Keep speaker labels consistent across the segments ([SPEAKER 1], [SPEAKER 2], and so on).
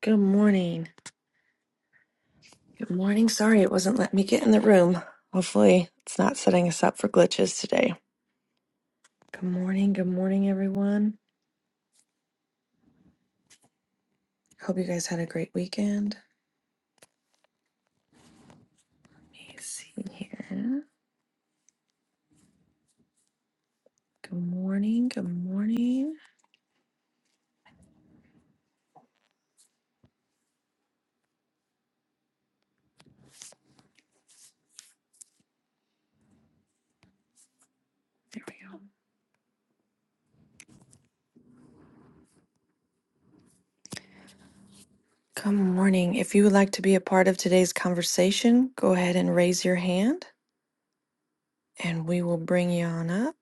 [SPEAKER 1] Good morning. Good morning. Sorry it wasn't letting me get in the room. Hopefully, it's not setting us up for glitches today. Good morning. Good morning, everyone. Hope you guys had a great weekend. Let me see here. Good morning. Good morning. There we go. Good morning. If you would like to be a part of today's conversation, go ahead and raise your hand and we will bring you on up.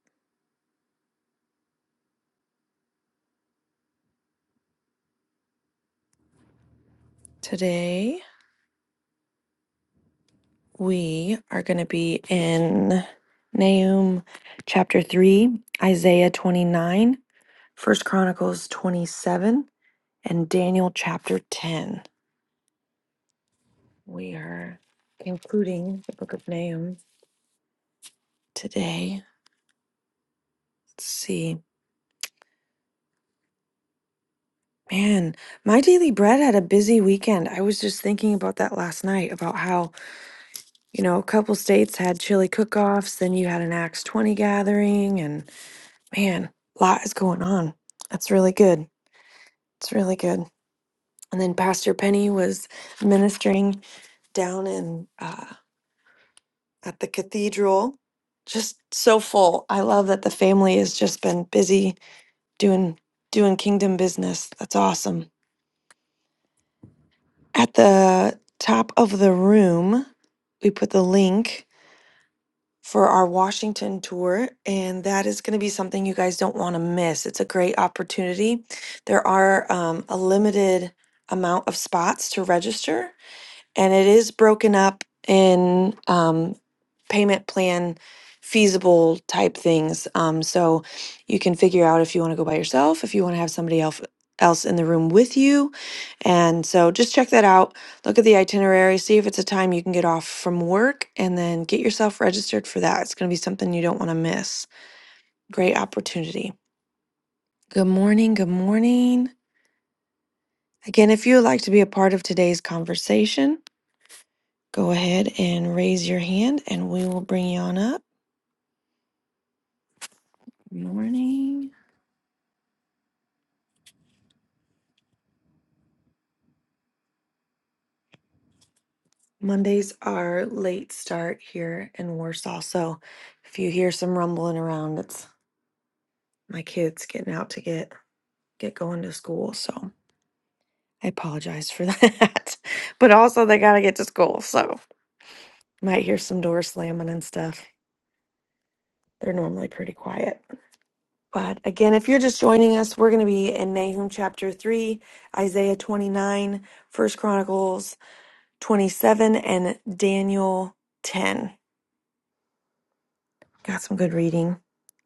[SPEAKER 1] Today We are going to be in Nahum chapter 3, Isaiah 29, First Chronicles 27, and Daniel chapter 10. We are concluding the book of Nahum today. Let's see. Man, my daily bread had a busy weekend. I was just thinking about that last night about how, you know, a couple states had chili cook offs, then you had an Acts 20 gathering, and man, a lot is going on. That's really good. It's really good. And then Pastor Penny was ministering down in uh, at the cathedral. Just so full. I love that the family has just been busy doing doing kingdom business. That's awesome. At the top of the room, we put the link for our Washington tour, and that is going to be something you guys don't want to miss. It's a great opportunity. There are um, a limited amount of spots to register and it is broken up in um, payment plan feasible type things um, so you can figure out if you want to go by yourself if you want to have somebody else else in the room with you and so just check that out look at the itinerary see if it's a time you can get off from work and then get yourself registered for that it's going to be something you don't want to miss great opportunity good morning good morning again if you would like to be a part of today's conversation Go ahead and raise your hand and we will bring you on up. Good morning. Mondays are late start here in Warsaw. So if you hear some rumbling around, it's my kids getting out to get get going to school. So I apologize for that. but also they gotta get to school. So might hear some doors slamming and stuff. They're normally pretty quiet. But again, if you're just joining us, we're gonna be in Nahum chapter three, Isaiah 29, First Chronicles 27 and Daniel 10. Got some good reading.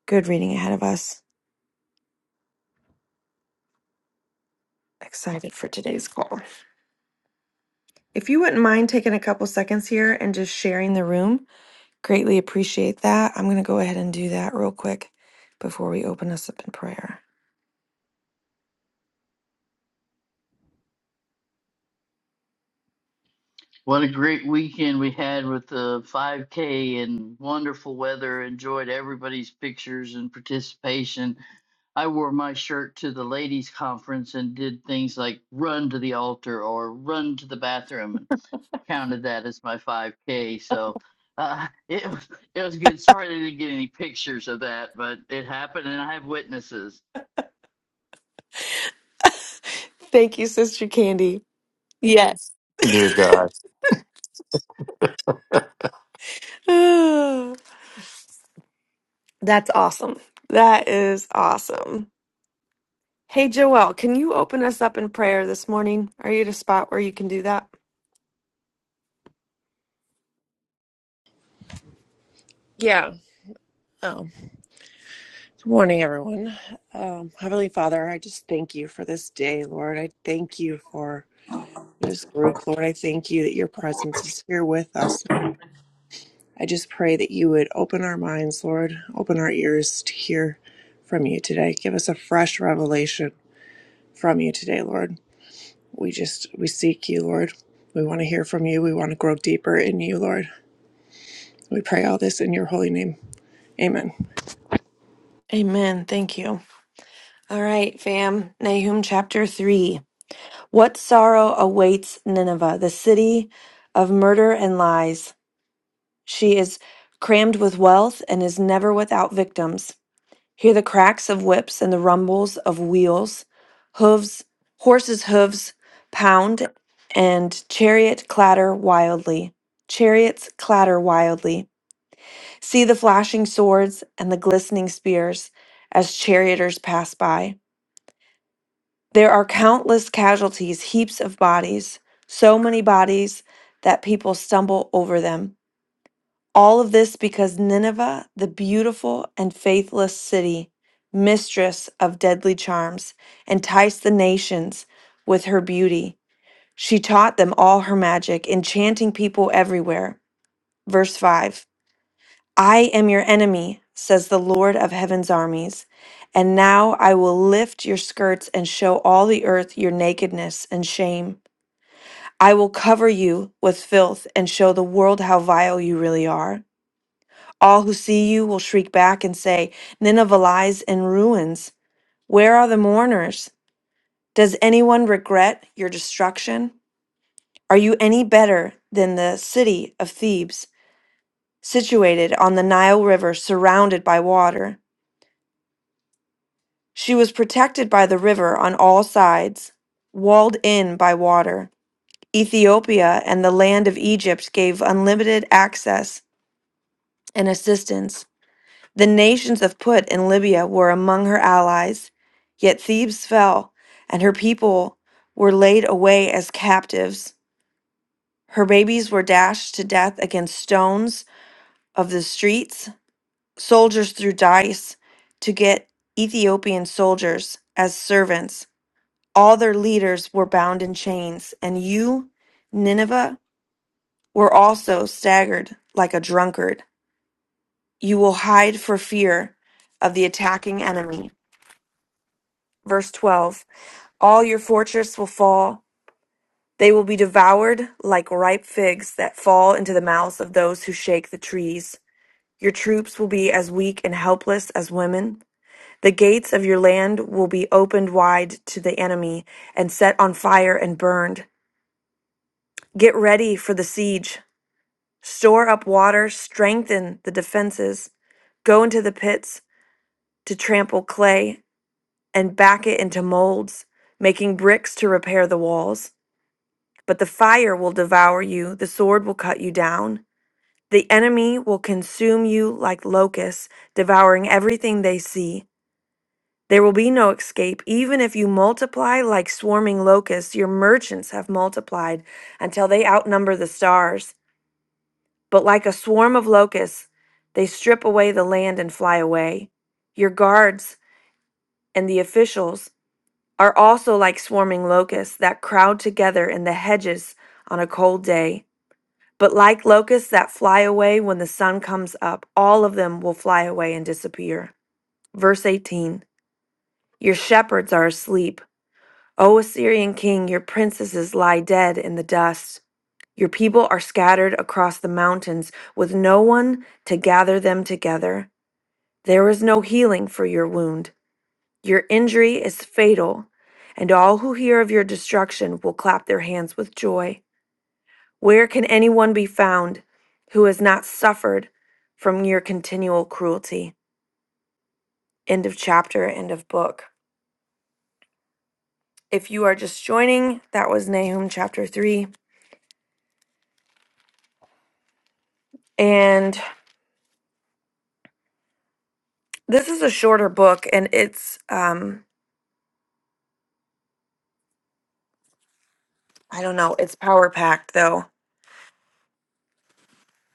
[SPEAKER 1] Good reading ahead of us. Excited for today's call. If you wouldn't mind taking a couple seconds here and just sharing the room, greatly appreciate that. I'm going to go ahead and do that real quick before we open us up in prayer.
[SPEAKER 2] What a great weekend we had with the 5K and wonderful weather. Enjoyed everybody's pictures and participation. I wore my shirt to the ladies' conference and did things like run to the altar or run to the bathroom and counted that as my 5K. So uh, it, was- it was good. Sorry they didn't get any pictures of that, but it happened and I have witnesses.
[SPEAKER 1] Thank you, Sister Candy. Yes.
[SPEAKER 3] Dear God,
[SPEAKER 1] That's awesome. That is awesome. Hey, Joelle, can you open us up in prayer this morning? Are you at a spot where you can do that?
[SPEAKER 4] Yeah. Oh. Good morning, everyone. Um, Heavenly Father, I just thank you for this day, Lord. I thank you for this group, Lord. I thank you that your presence is here with us, Lord. I just pray that you would open our minds, Lord, open our ears to hear from you today. Give us a fresh revelation from you today, Lord. We just, we seek you, Lord. We want to hear from you. We want to grow deeper in you, Lord. We pray all this in your holy name. Amen.
[SPEAKER 1] Amen. Thank you. All right, fam. Nahum chapter 3. What sorrow awaits Nineveh, the city of murder and lies? She is crammed with wealth and is never without victims. Hear the cracks of whips and the rumbles of wheels, hooves, horses' hooves pound, and chariot clatter wildly. Chariots clatter wildly. See the flashing swords and the glistening spears as charioteers pass by. There are countless casualties, heaps of bodies, so many bodies that people stumble over them. All of this because Nineveh, the beautiful and faithless city, mistress of deadly charms, enticed the nations with her beauty. She taught them all her magic, enchanting people everywhere. Verse 5 I am your enemy, says the Lord of heaven's armies. And now I will lift your skirts and show all the earth your nakedness and shame. I will cover you with filth and show the world how vile you really are. All who see you will shriek back and say, Nineveh lies in ruins. Where are the mourners? Does anyone regret your destruction? Are you any better than the city of Thebes, situated on the Nile River, surrounded by water? She was protected by the river on all sides, walled in by water. Ethiopia and the land of Egypt gave unlimited access and assistance. The nations of Put and Libya were among her allies, yet Thebes fell, and her people were laid away as captives. Her babies were dashed to death against stones of the streets. Soldiers threw dice to get Ethiopian soldiers as servants all their leaders were bound in chains, and you, Nineveh, were also staggered like a drunkard. You will hide for fear of the attacking enemy. Verse 12 All your fortress will fall. They will be devoured like ripe figs that fall into the mouths of those who shake the trees. Your troops will be as weak and helpless as women. The gates of your land will be opened wide to the enemy and set on fire and burned. Get ready for the siege. Store up water, strengthen the defenses, go into the pits to trample clay and back it into molds, making bricks to repair the walls. But the fire will devour you, the sword will cut you down. The enemy will consume you like locusts, devouring everything they see. There will be no escape, even if you multiply like swarming locusts. Your merchants have multiplied until they outnumber the stars. But like a swarm of locusts, they strip away the land and fly away. Your guards and the officials are also like swarming locusts that crowd together in the hedges on a cold day. But like locusts that fly away when the sun comes up, all of them will fly away and disappear. Verse 18 Your shepherds are asleep. O Assyrian king, your princesses lie dead in the dust. Your people are scattered across the mountains with no one to gather them together. There is no healing for your wound. Your injury is fatal, and all who hear of your destruction will clap their hands with joy. Where can anyone be found who has not suffered from your continual cruelty? End of chapter, end of book. If you are just joining, that was Nahum chapter 3. And this is a shorter book, and it's, um, I don't know, it's power packed though.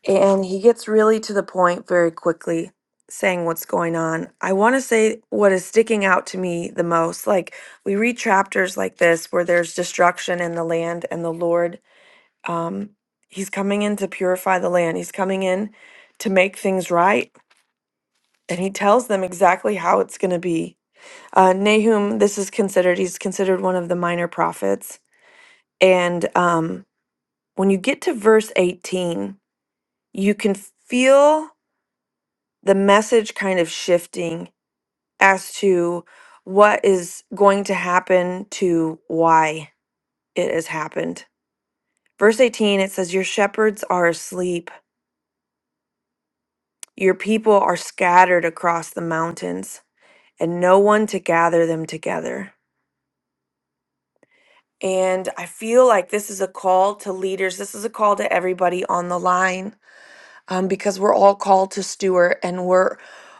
[SPEAKER 1] And he gets really to the point very quickly, saying what's going on. I want to say what is sticking out to me the most. Like, we read chapters like this where there's destruction in the land, and the Lord, um, He's coming in to purify the land, He's coming in to make things right. And He tells them exactly how it's going to be. Uh, Nahum, this is considered, he's considered one of the minor prophets. And um, when you get to verse 18, you can feel. the message kind of shifting as to what is going to happen to why it has happened. Verse 18, it says, Your shepherds are asleep, your people are scattered across the mountains, and no one to gather them together. And I feel like this is a call to leaders. This is a call to everybody on the line um, because we're all called to steward and we're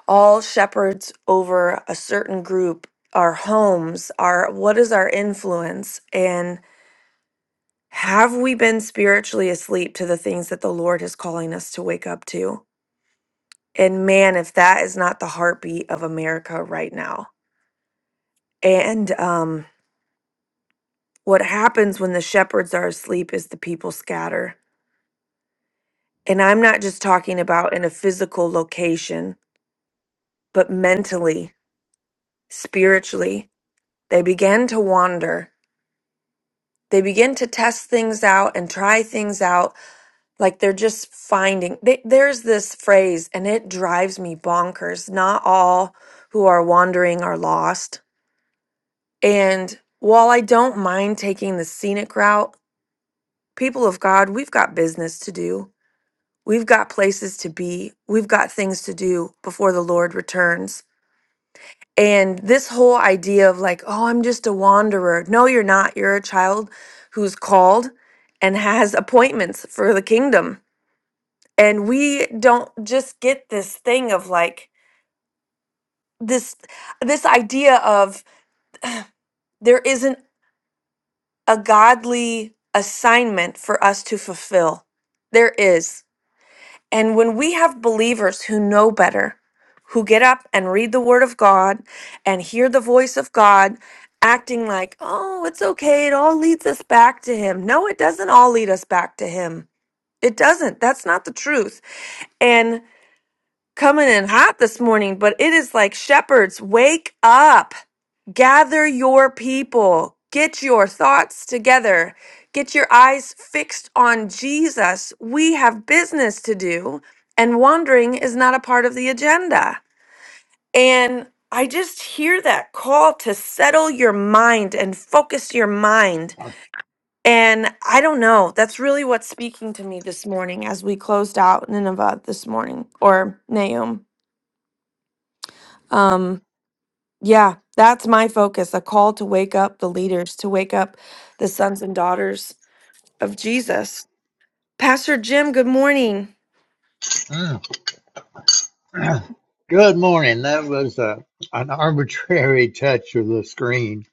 [SPEAKER 1] all shepherds over a certain group our homes our what is our influence and have we been spiritually asleep to the things that the lord is calling us to wake up to and man if that is not the heartbeat of america right now and um, what happens when the shepherds are asleep is the people scatter and i'm not just talking about in a physical location but mentally spiritually They begin to wander. They begin to test things out and try things out like they're just finding. They, there's this phrase, and it drives me bonkers. Not all who are wandering are lost. And while I don't mind taking the scenic route, people of God, we've got business to do. We've got places to be. We've got things to do before the Lord returns. And this whole idea of like, oh, I'm just a wanderer. No, you're not. You're a child who's called and has appointments for the kingdom. And we don't just get this thing of like this this idea of there isn't a godly assignment for us to fulfill. There is. And when we have believers who know better, who get up and read the Word of God and hear the voice of God, acting like, oh, it's okay, it all leads us back to Him. No, it doesn't all lead us back to Him. It doesn't. That's not the truth. And coming in hot this morning, but it is like shepherds, wake up, gather your people, get your thoughts together, get your eyes fixed on Jesus. We have business to do, and wandering is not a part of the agenda. And I just hear that call to settle your mind and focus your mind. And I don't know, that's really what's speaking to me this morning as we closed out Nineveh this morning or Nahum. Um, Yeah, that's my focus a call to wake up the leaders, to wake up the sons and daughters of Jesus. Pastor Jim, good morning.
[SPEAKER 5] Mm. Good morning. That was uh an arbitrary touch of the screen.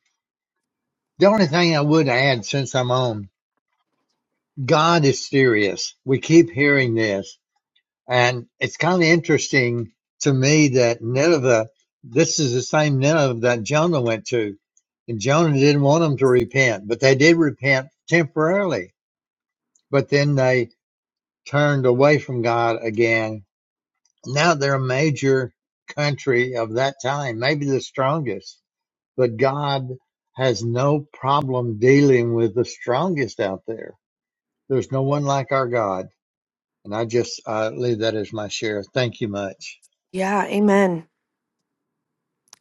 [SPEAKER 5] The only thing I would add since I'm on, God is serious. We keep hearing this. And it's kind of interesting to me that Nineveh, this is the same Nineveh that Jonah went to. And Jonah didn't want them to repent, but they did repent temporarily. But then they turned away from God again now they're a major country of that time, maybe the strongest. But God has no problem dealing with the strongest out there. There's no one like our God. And I just uh, leave that as my share. Thank you much.
[SPEAKER 1] Yeah, amen.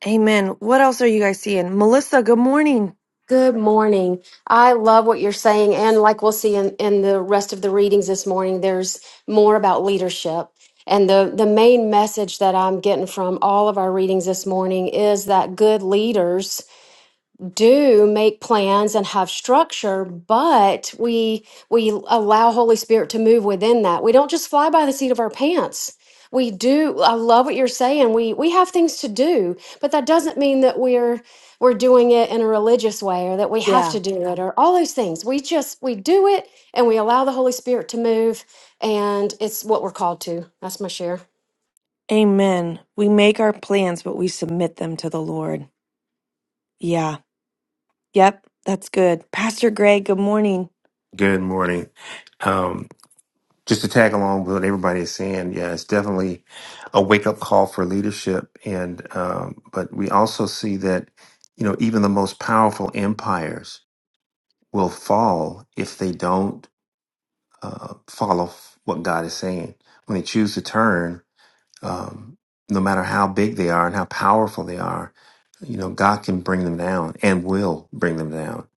[SPEAKER 1] Amen. What else are you guys seeing? Melissa, good morning.
[SPEAKER 6] Good morning. I love what you're saying. And like we'll see in, in the rest of the readings this morning, there's more about leadership. And the, the main message that I'm getting from all of our readings this morning is that good leaders do make plans and have structure, but we we allow Holy Spirit to move within that. We don't just fly by the seat of our pants. We do I love what you're saying. We we have things to do, but that doesn't mean that we're we're doing it in a religious way or that we have
[SPEAKER 1] Yeah.
[SPEAKER 6] to do it or all those things. We just we do it and we allow the Holy Spirit to move and it's what we're called to. That's my share.
[SPEAKER 1] Amen. We make our plans, but we submit them to the Lord. Yeah. Yep. That's good. Pastor Greg, good morning.
[SPEAKER 3] good morning. Um, just to tag along with what everybody is saying, yeah, it's definitely a wake up call for leadership. And um, but we also see that you know even the most powerful empires will fall if they don't uh, follow f- what God is saying when they choose to turn. um, no matter how big they are and how powerful they are, you know, God can bring them down and will bring them down.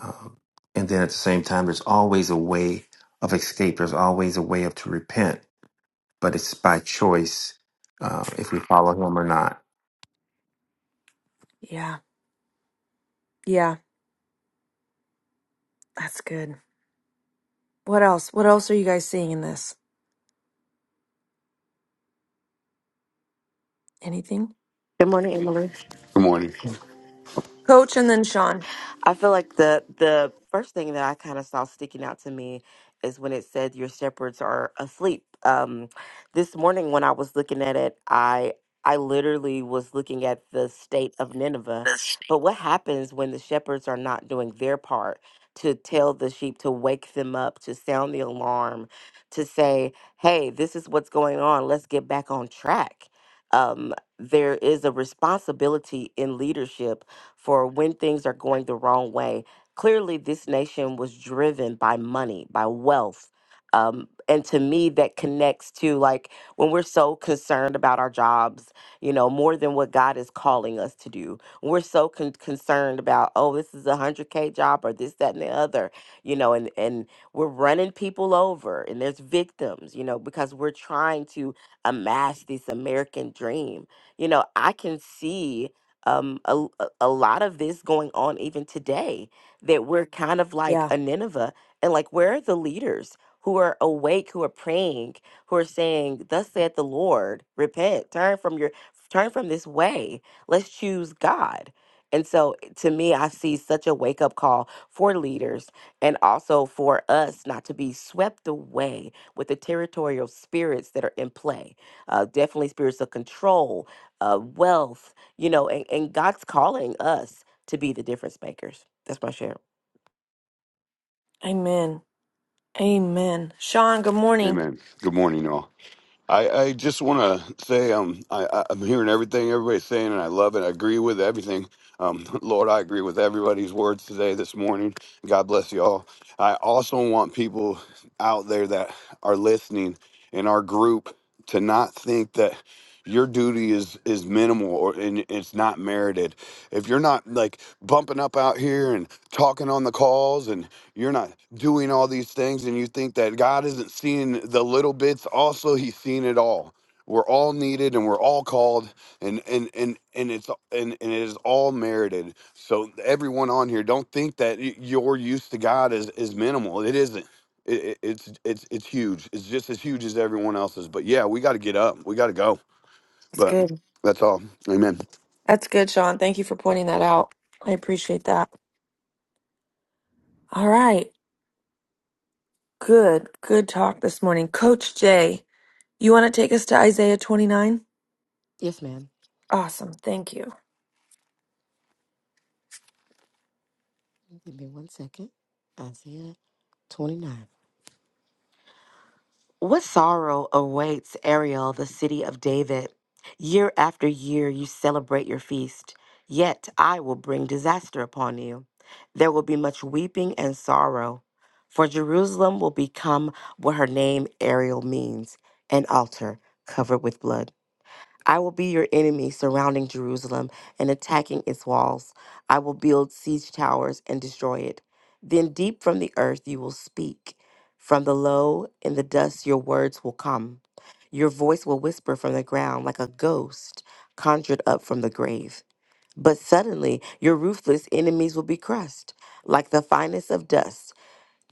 [SPEAKER 3] Um, and then at the same time, there's always a way of escape. There's always a way of to repent, but it's by choice uh, if we follow Him or not.
[SPEAKER 1] Yeah. Yeah. That's good. What else? What else are you guys seeing in this? Anything?
[SPEAKER 7] Good morning, Emily.
[SPEAKER 8] Good morning.
[SPEAKER 1] Coach and then Sean.
[SPEAKER 7] I feel like the the first thing that I kind of saw sticking out to me is when it said your shepherds are asleep. Um, this morning when I was looking at it, I I literally was looking at the state of Nineveh. But what happens when the shepherds are not doing their part to tell the sheep to wake them up, to sound the alarm, to say, "Hey, this is what's going on. Let's get back on track." Um, there is a responsibility in leadership for when things are going the wrong way. Clearly, this nation was driven by money, by wealth. Um, and to me, that connects to like when we're so concerned about our jobs, you know, more than what God is calling us to do. We're so con- concerned about, oh, this is a 100K job or this, that, and the other, you know, and, and we're running people over and there's victims, you know, because we're trying to amass this American dream. You know, I can see um a, a a lot of this going on even today that we're kind of like
[SPEAKER 1] Yeah.
[SPEAKER 7] a Nineveh and like where are the leaders who are awake who are praying who are saying thus saith the Lord repent turn from your turn from this way let's choose God and so eh, to me I see such a wake up call for leaders and also for us not to be swept away with the territorial spirits that are in play uh, definitely spirits of control uh, wealth you know, and, and God's calling us to be the difference makers. That's my share.
[SPEAKER 1] Amen. Amen. Sean, good morning.
[SPEAKER 8] Amen. Good morning, all. I, I just want to say um, I, I- I'm hearing everything everybody's saying, and I love it. I agree with everything. Um, Lord, I agree with everybody's words today, this morning. God bless you all. I also want people out there that are listening in our group to not think that your duty is is minimal or and it's not merited if you're not like bumping up out here and talking on the calls you're not doing all these things and you think that God isn't seeing the little bits also he's seeing it all we're all needed and we're all called and and and and it's and, and it is all merited so everyone on here don't think that y- your use to God is is minimal it isn't it, it- it's it's it's huge it's just as huge as everyone else's but yeah we got to get up we got to go
[SPEAKER 1] That's
[SPEAKER 8] but
[SPEAKER 1] good.
[SPEAKER 8] that's all amen
[SPEAKER 1] That's good, Sean. Thank you for pointing that out. I appreciate that. All right. Good. Good talk this morning. Coach Jay, you want to take us to Isaiah 29?
[SPEAKER 7] Yes, ma'am.
[SPEAKER 1] Awesome. Thank you.
[SPEAKER 7] Give me one second. Isaiah 29. What sorrow awaits Ariel, the city of David? Year after year you celebrate your feast, yet I will bring disaster upon you. There will be much weeping and sorrow, for Jerusalem will become what her name Ariel means an altar covered with blood. I will be your enemy surrounding Jerusalem and attacking its walls. I will build siege towers and destroy it. Then, deep from the earth, you will speak. From the low in the dust, your words will come. Your voice will whisper from the ground like a ghost conjured up from the grave. But suddenly, your ruthless enemies will be crushed like the finest of dust.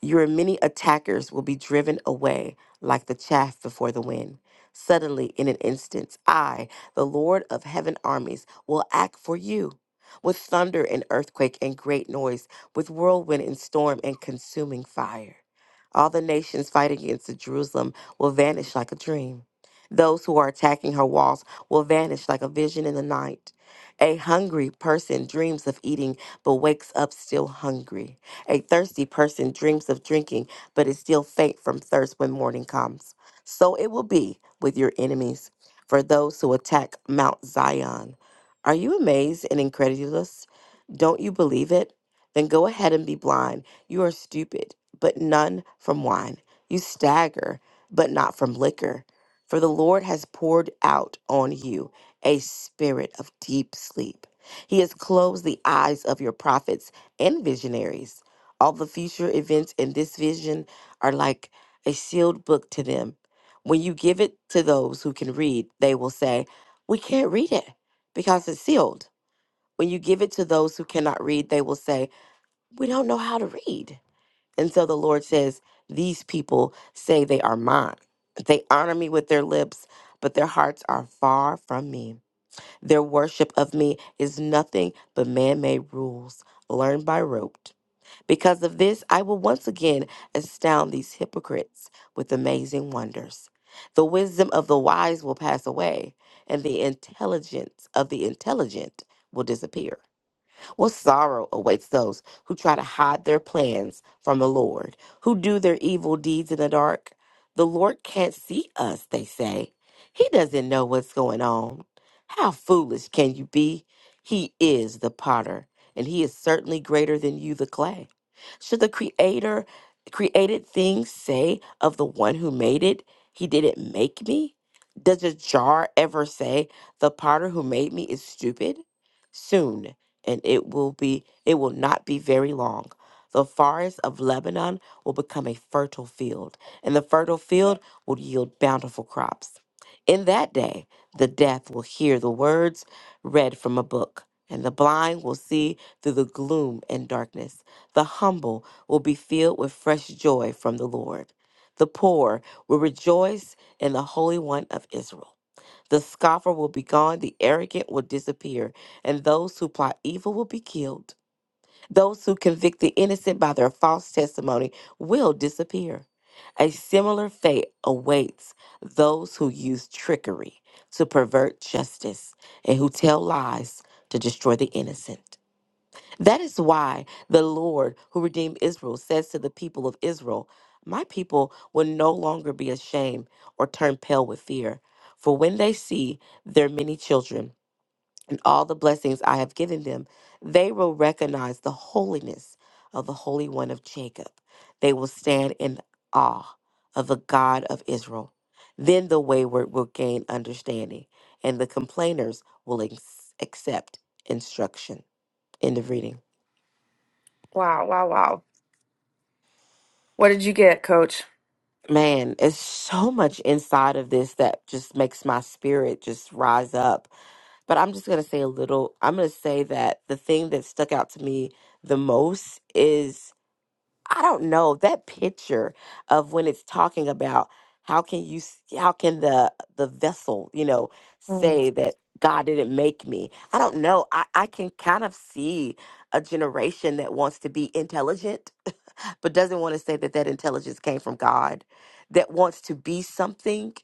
[SPEAKER 7] Your many attackers will be driven away like the chaff before the wind. Suddenly, in an instant, I, the Lord of heaven armies, will act for you with thunder and earthquake and great noise, with whirlwind and storm and consuming fire. All the nations fighting against Jerusalem will vanish like a dream. Those who are attacking her walls will vanish like a vision in the night. A hungry person dreams of eating but wakes up still hungry. A thirsty person dreams of drinking, but is still faint from thirst when morning comes. So it will be with your enemies, for those who attack Mount Zion. Are you amazed and incredulous? Don't you believe it? Then go ahead and be blind. You are stupid, but none from wine. You stagger, but not from liquor. For the Lord has poured out on you a spirit of deep sleep. He has closed the eyes of your prophets and visionaries. All the future events in this vision are like a sealed book to them. When you give it to those who can read, they will say, We can't read it because it's sealed. When you give it to those who cannot read, they will say, We don't know how to read. And so the Lord says, These people say they are mine. They honor me with their lips, but their hearts are far from me. Their worship of me is nothing but man made rules learned by rote. Because of this, I will once again astound these hypocrites with amazing wonders. The wisdom of the wise will pass away, and the intelligence of the intelligent will disappear. What sorrow awaits those who try to hide their plans from the Lord, who do their evil deeds in the dark? The Lord can't see us, they say. He doesn't know what's going on. How foolish can you be? He is the potter, and he is certainly greater than you, the clay. Should the creator created thing say of the one who made it, he didn't make me? Does a jar ever say, the potter who made me is stupid? Soon and it will be it will not be very long. The forest of Lebanon will become a fertile field, and the fertile field will yield bountiful crops. In that day, the deaf will hear the words read from a book, and the blind will see through the gloom and darkness. The humble will be filled with fresh joy from the Lord. The poor will rejoice in the Holy One of Israel. The scoffer will be gone, the arrogant will disappear, and those who plot evil will be killed. Those who convict the innocent by their false testimony will disappear. A similar fate awaits those who use trickery to pervert justice and who tell lies to destroy the innocent. That is why the Lord who redeemed Israel says to the people of Israel, My people will no longer be ashamed or turn pale with fear. For when they see their many children and all the blessings I have given them, they will recognize the holiness of the Holy One of Jacob. They will stand in awe of the God of Israel. Then the wayward will gain understanding, and the complainers will ex- accept instruction. End of reading.
[SPEAKER 1] Wow. Wow. Wow. What did you get, Coach?
[SPEAKER 7] Man, it's so much inside of this that just makes my spirit just rise up. But I'm just going to say a little, I'm going to say that the thing that stuck out to me the most is I don't know, that picture of when it's talking about how can you s- how can the the vessel, you know,
[SPEAKER 1] Mm.
[SPEAKER 7] say that God didn't make me. I don't know. I I can kind of see a generation that wants to be intelligent but doesn't want to say that that intelligence came from God, that wants to be something,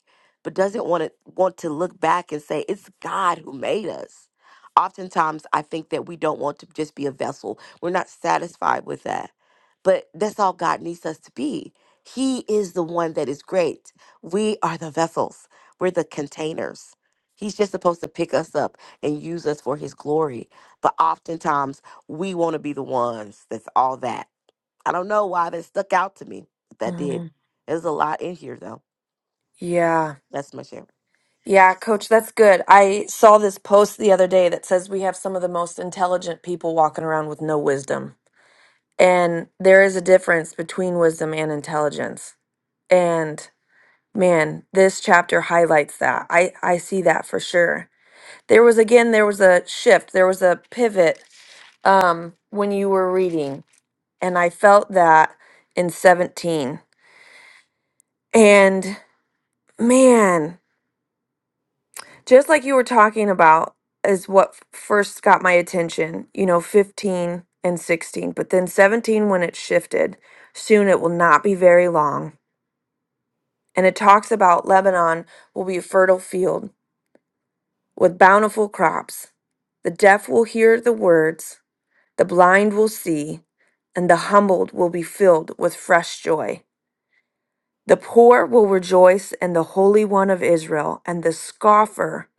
[SPEAKER 7] but doesn't want to want to look back and say it's God who made us. Oftentimes, I think that we don't want to just be a vessel. We're not satisfied with that, but that's all God needs us to be. He is the one that is great. We are the vessels. We're the containers. He's just supposed to pick us up and use us for his glory. But oftentimes, we want to be the ones that's all that I don't know why that stuck out to me, but that did.
[SPEAKER 1] Mhm.
[SPEAKER 7] There's a lot in here though.
[SPEAKER 1] Yeah.
[SPEAKER 7] That's my share.
[SPEAKER 1] Yeah, coach, that's good. I saw this post the other day that says we have some of the most intelligent people walking around with no wisdom. And there is a difference between wisdom and intelligence. And man, this chapter highlights that. I I see that for sure. There was again there was a shift, there was a pivot um when you were reading, and I felt that in 17. And man, just like you were talking about is what f- first got my attention you know 15 and 16 but then 17 when it shifted soon it will not be very long and it talks about lebanon will be a fertile field with bountiful crops the deaf will hear the words the blind will see and the humbled will be filled with fresh joy The poor will rejoice in the Holy One of Israel, and the scoffer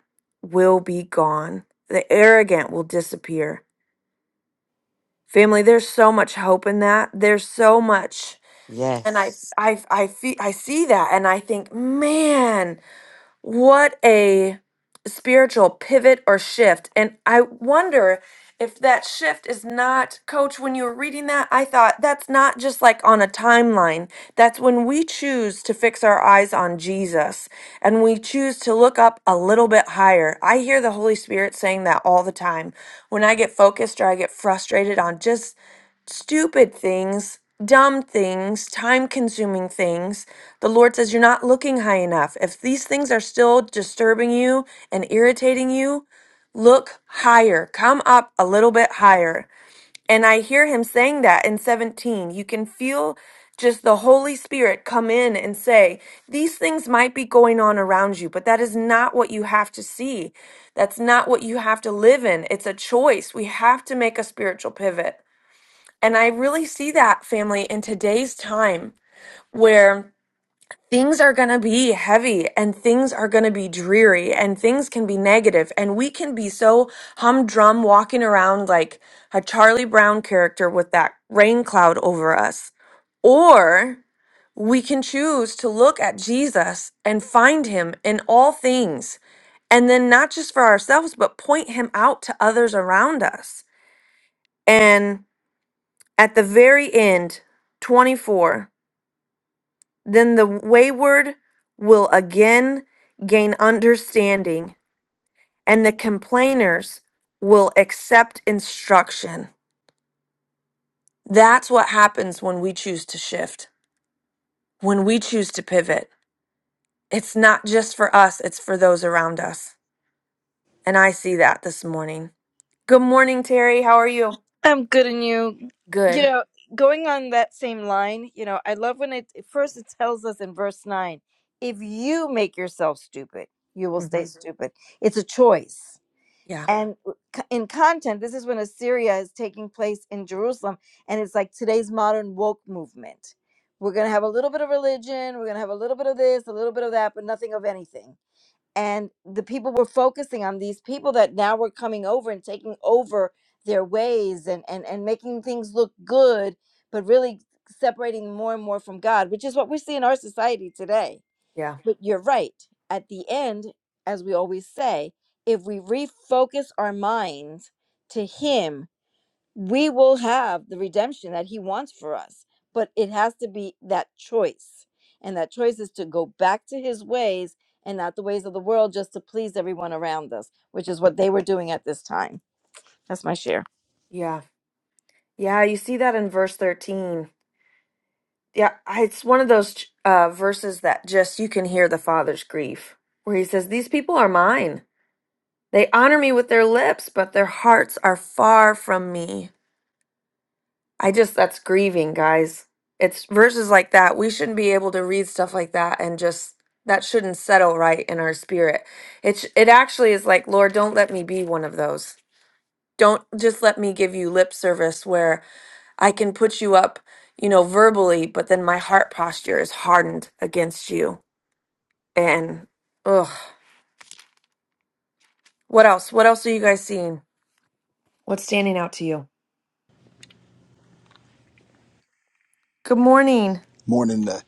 [SPEAKER 1] will be gone. The arrogant will disappear. Family, there's so much hope in that. There's so much. And I,
[SPEAKER 7] Yes.
[SPEAKER 1] I, I, feel, I see that and I think, man, what a spiritual pivot or shift. And I wonder if that shift is not, Coach, when you were reading that, I thought that's not just like on a timeline. That's when we choose to fix our eyes on Jesus and we choose to look up a little bit higher. I hear the Holy Spirit saying that all the time. When I get focused or I get frustrated on just stupid things, dumb things, time consuming things. The Lord says you're not looking high enough. If these things are still disturbing you and irritating you, look higher. Come up a little bit higher. And I hear him saying that in 17. You can feel just the Holy Spirit come in and say, These things might be going on around you, but that is not what you have to see. That's not what you have to live in. It's a choice. We have to make a spiritual pivot. And I really see that family in today's time where things are going to be heavy and things are going to be dreary and things can be negative and we can be so humdrum walking around like a Charlie Brown character with that rain cloud over us. Or we can choose to look at Jesus and find him in all things. And then not just for ourselves, but point him out to others around us. And at the very end, 24. Then the wayward will again gain understanding, and the complainers will accept instruction. That's what happens when we choose to shift, when we choose to pivot. It's not just for us, it's for those around us. And I see that this morning. Good morning, Terry. How are you?
[SPEAKER 9] I'm good and you. You
[SPEAKER 1] Good.
[SPEAKER 9] know, going on that same line, you know, I love when it first it tells us in verse 9, if you make yourself stupid, you will
[SPEAKER 1] hmm
[SPEAKER 9] stay Mhm. stupid. It's a choice.
[SPEAKER 1] Yeah.
[SPEAKER 9] And w- co- in content, this is when Assyria is taking place in Jerusalem and it's like today's modern woke movement. We're going to have a little bit of religion, we're going to have a little bit of this, a little bit of that, but nothing of anything and the people were focusing on these people that now were coming over and taking over their ways and and and making things look good but really separating more and more from god which is what we see in our society today
[SPEAKER 1] Yeah.
[SPEAKER 9] but you're right at the end as we always say if we refocus our minds to him we will have the redemption that he wants for us but it has to be that choice and that choice is to go back to his ways and not the ways of the world just to please everyone around us which is what they were doing at this time that's my share
[SPEAKER 1] Yeah. Yeah. You see that in verse 13. Yeah, I- it's one of those uh, verses that just you can hear the father's grief, where he says, These people are mine. They honor me with their lips, but their hearts are far from me. I just, that's grieving, guys. It's verses like that. We shouldn't be able to read stuff like that and just, that shouldn't settle right in our spirit. It, sh- it actually is like, Lord, don't let me be one of those. Don't just let me give you lip service where I can put you up, you know, verbally, but then my heart posture is hardened against you. And ugh. What else? What else are you guys seeing? What's standing out to you? Good morning.
[SPEAKER 10] more than the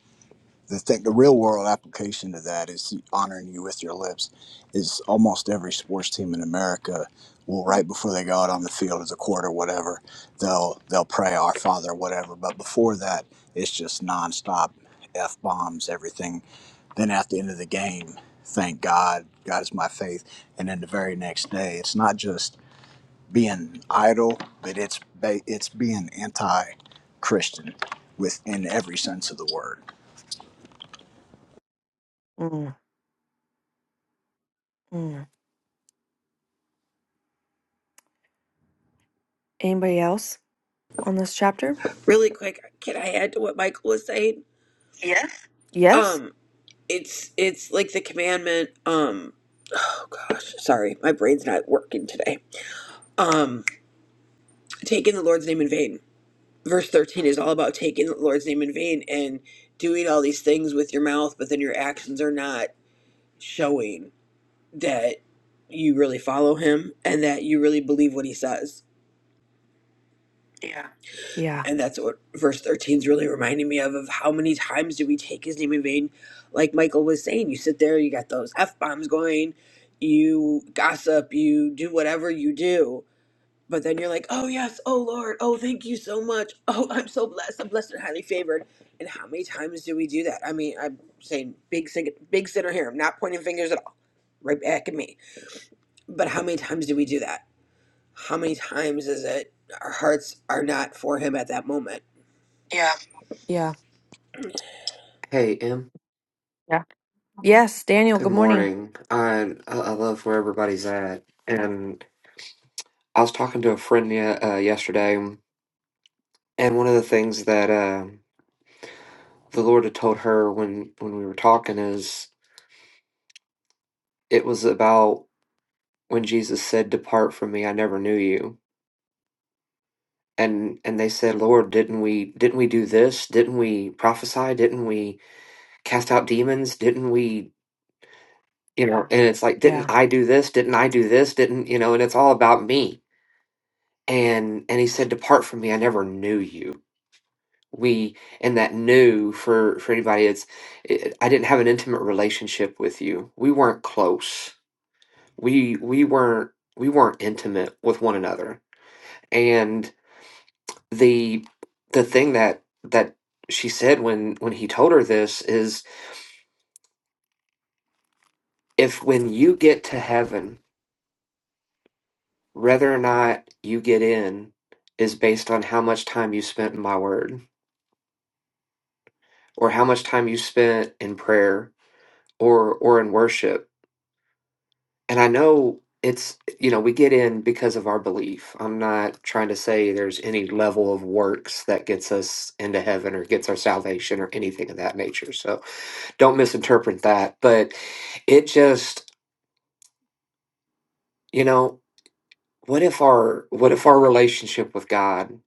[SPEAKER 10] the thing, the real world application to that is honoring you with your lips. Is almost every sports team in America will right before they go out on the field as a quarter, whatever, they'll they'll pray Our Father, whatever. But before that, it's just nonstop f bombs, everything. Then at the end of the game, thank God, God is my faith. And then the very next day, it's not just being idle, but it's ba- it's being anti Christian within every sense of the word.
[SPEAKER 1] Mm, mm. Anybody else on this chapter?
[SPEAKER 11] really quick can i add to what michael was saying yes
[SPEAKER 1] Yes?
[SPEAKER 11] um it's it's like the commandment um oh gosh sorry my brain's not working today um taking the lord's name in vain verse 13 is all about taking the lord's name in vain and doing all these things with your mouth but then your actions are not showing that you really follow him and that you really believe what he says
[SPEAKER 1] Yeah.
[SPEAKER 11] And that's what verse 13 is really reminding me of, of how many times do we take his name in vain? Like Michael was saying, you sit there, you got those F bombs going, you gossip, you do whatever you do. But then you're like, oh, yes, oh, Lord, oh, thank you so much. Oh, I'm so blessed. I'm blessed and highly favored. And how many times do we do that? I mean, I'm saying big, sin- big sinner here. I'm not pointing fingers at all, right back at me. But how many times do we do that? How many times is it our hearts are not for him at that moment?
[SPEAKER 1] Yeah.
[SPEAKER 12] Hey, Em.
[SPEAKER 1] Yeah. Yes, Daniel,
[SPEAKER 12] Good
[SPEAKER 1] good morning.
[SPEAKER 12] morning. I I I love where everybody's at. And I was talking to a friend ye uh, yesterday, and one of the things that uh, the Lord had told her when when we were talking is it was about when Jesus said, "Depart from me, I never knew you." And and they said, "Lord, didn't we didn't we do this? Didn't we prophesy? Didn't we cast out demons? Didn't we, you know?" And it's like, "Didn't
[SPEAKER 1] Yeah.
[SPEAKER 12] I do this? Didn't I do this? Didn't, you know?" And it's all about me and and he said depart from me i never knew you we and that knew for for anybody it's it, i didn't have an intimate relationship with you we weren't close we we weren't we weren't intimate with one another and the the thing that that she said when when he told her this is if when you get to heaven whether or not you get in is based on how much time you spent in my word or how much time you spent in prayer or or in worship and i know it's you know we get in because of our belief i'm not trying to say there's any level of works that gets us into heaven or gets our salvation or anything of that nature so don't misinterpret that but it just you know what if our what if our relationship with god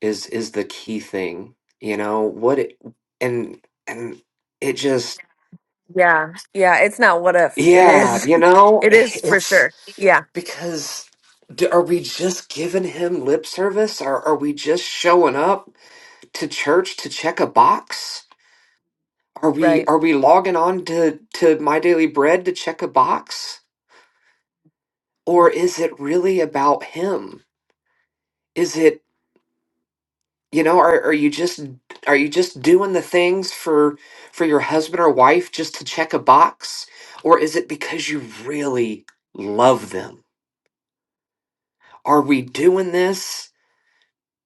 [SPEAKER 12] is is the key thing you know what it and and it just
[SPEAKER 1] Yeah. Yeah. It's not what if. It
[SPEAKER 12] yeah
[SPEAKER 1] is.
[SPEAKER 12] you know
[SPEAKER 1] it is for
[SPEAKER 12] it's
[SPEAKER 1] sure. Yeah.
[SPEAKER 12] Because do, are we just giving him lip service? Or are we just showing up to church to check a box? Are we
[SPEAKER 1] Right.
[SPEAKER 12] are we logging on to, to My Daily Bread to check a box? Or
[SPEAKER 1] Mm.
[SPEAKER 12] is it really about him? Is it you know, are, are you just are you just doing the things for for your husband or wife just to check a box? Or is it because you really love them? Are we doing this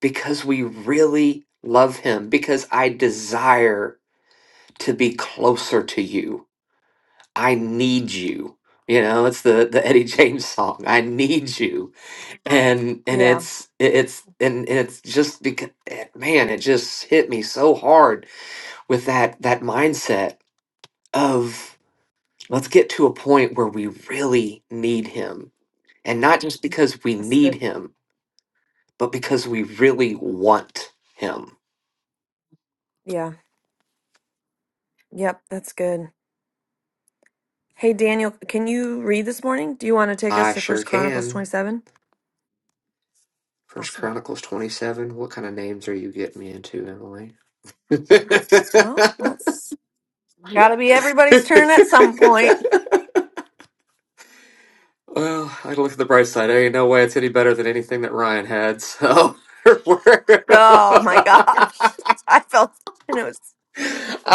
[SPEAKER 12] because we really love him, because I desire to be closer to you. I need you. You know, it's the the Eddie James song. I need you, and and
[SPEAKER 1] Yeah.
[SPEAKER 12] it's it's and, and it's just because man, it just hit me so hard with that that mindset of let's get to a point where we really need him, and not just because we
[SPEAKER 1] That's
[SPEAKER 12] need
[SPEAKER 1] good.
[SPEAKER 12] him, but because we really want him.
[SPEAKER 1] Yeah. Yep. That's good. Hey, Daniel, can you read this morning? Do you want to take us
[SPEAKER 12] I
[SPEAKER 1] to
[SPEAKER 12] sure
[SPEAKER 1] First Chronicles
[SPEAKER 12] can.
[SPEAKER 1] 27?
[SPEAKER 12] First
[SPEAKER 1] Awesome.
[SPEAKER 12] Chronicles 27. What kind of names are you getting me into, Emily? well,
[SPEAKER 1] Well, that's got to be everybody's turn at some point.
[SPEAKER 12] I look at the bright side. There ain't no way it's any better than anything that Ryan had. So I
[SPEAKER 1] Oh, my gosh. I felt, and it was,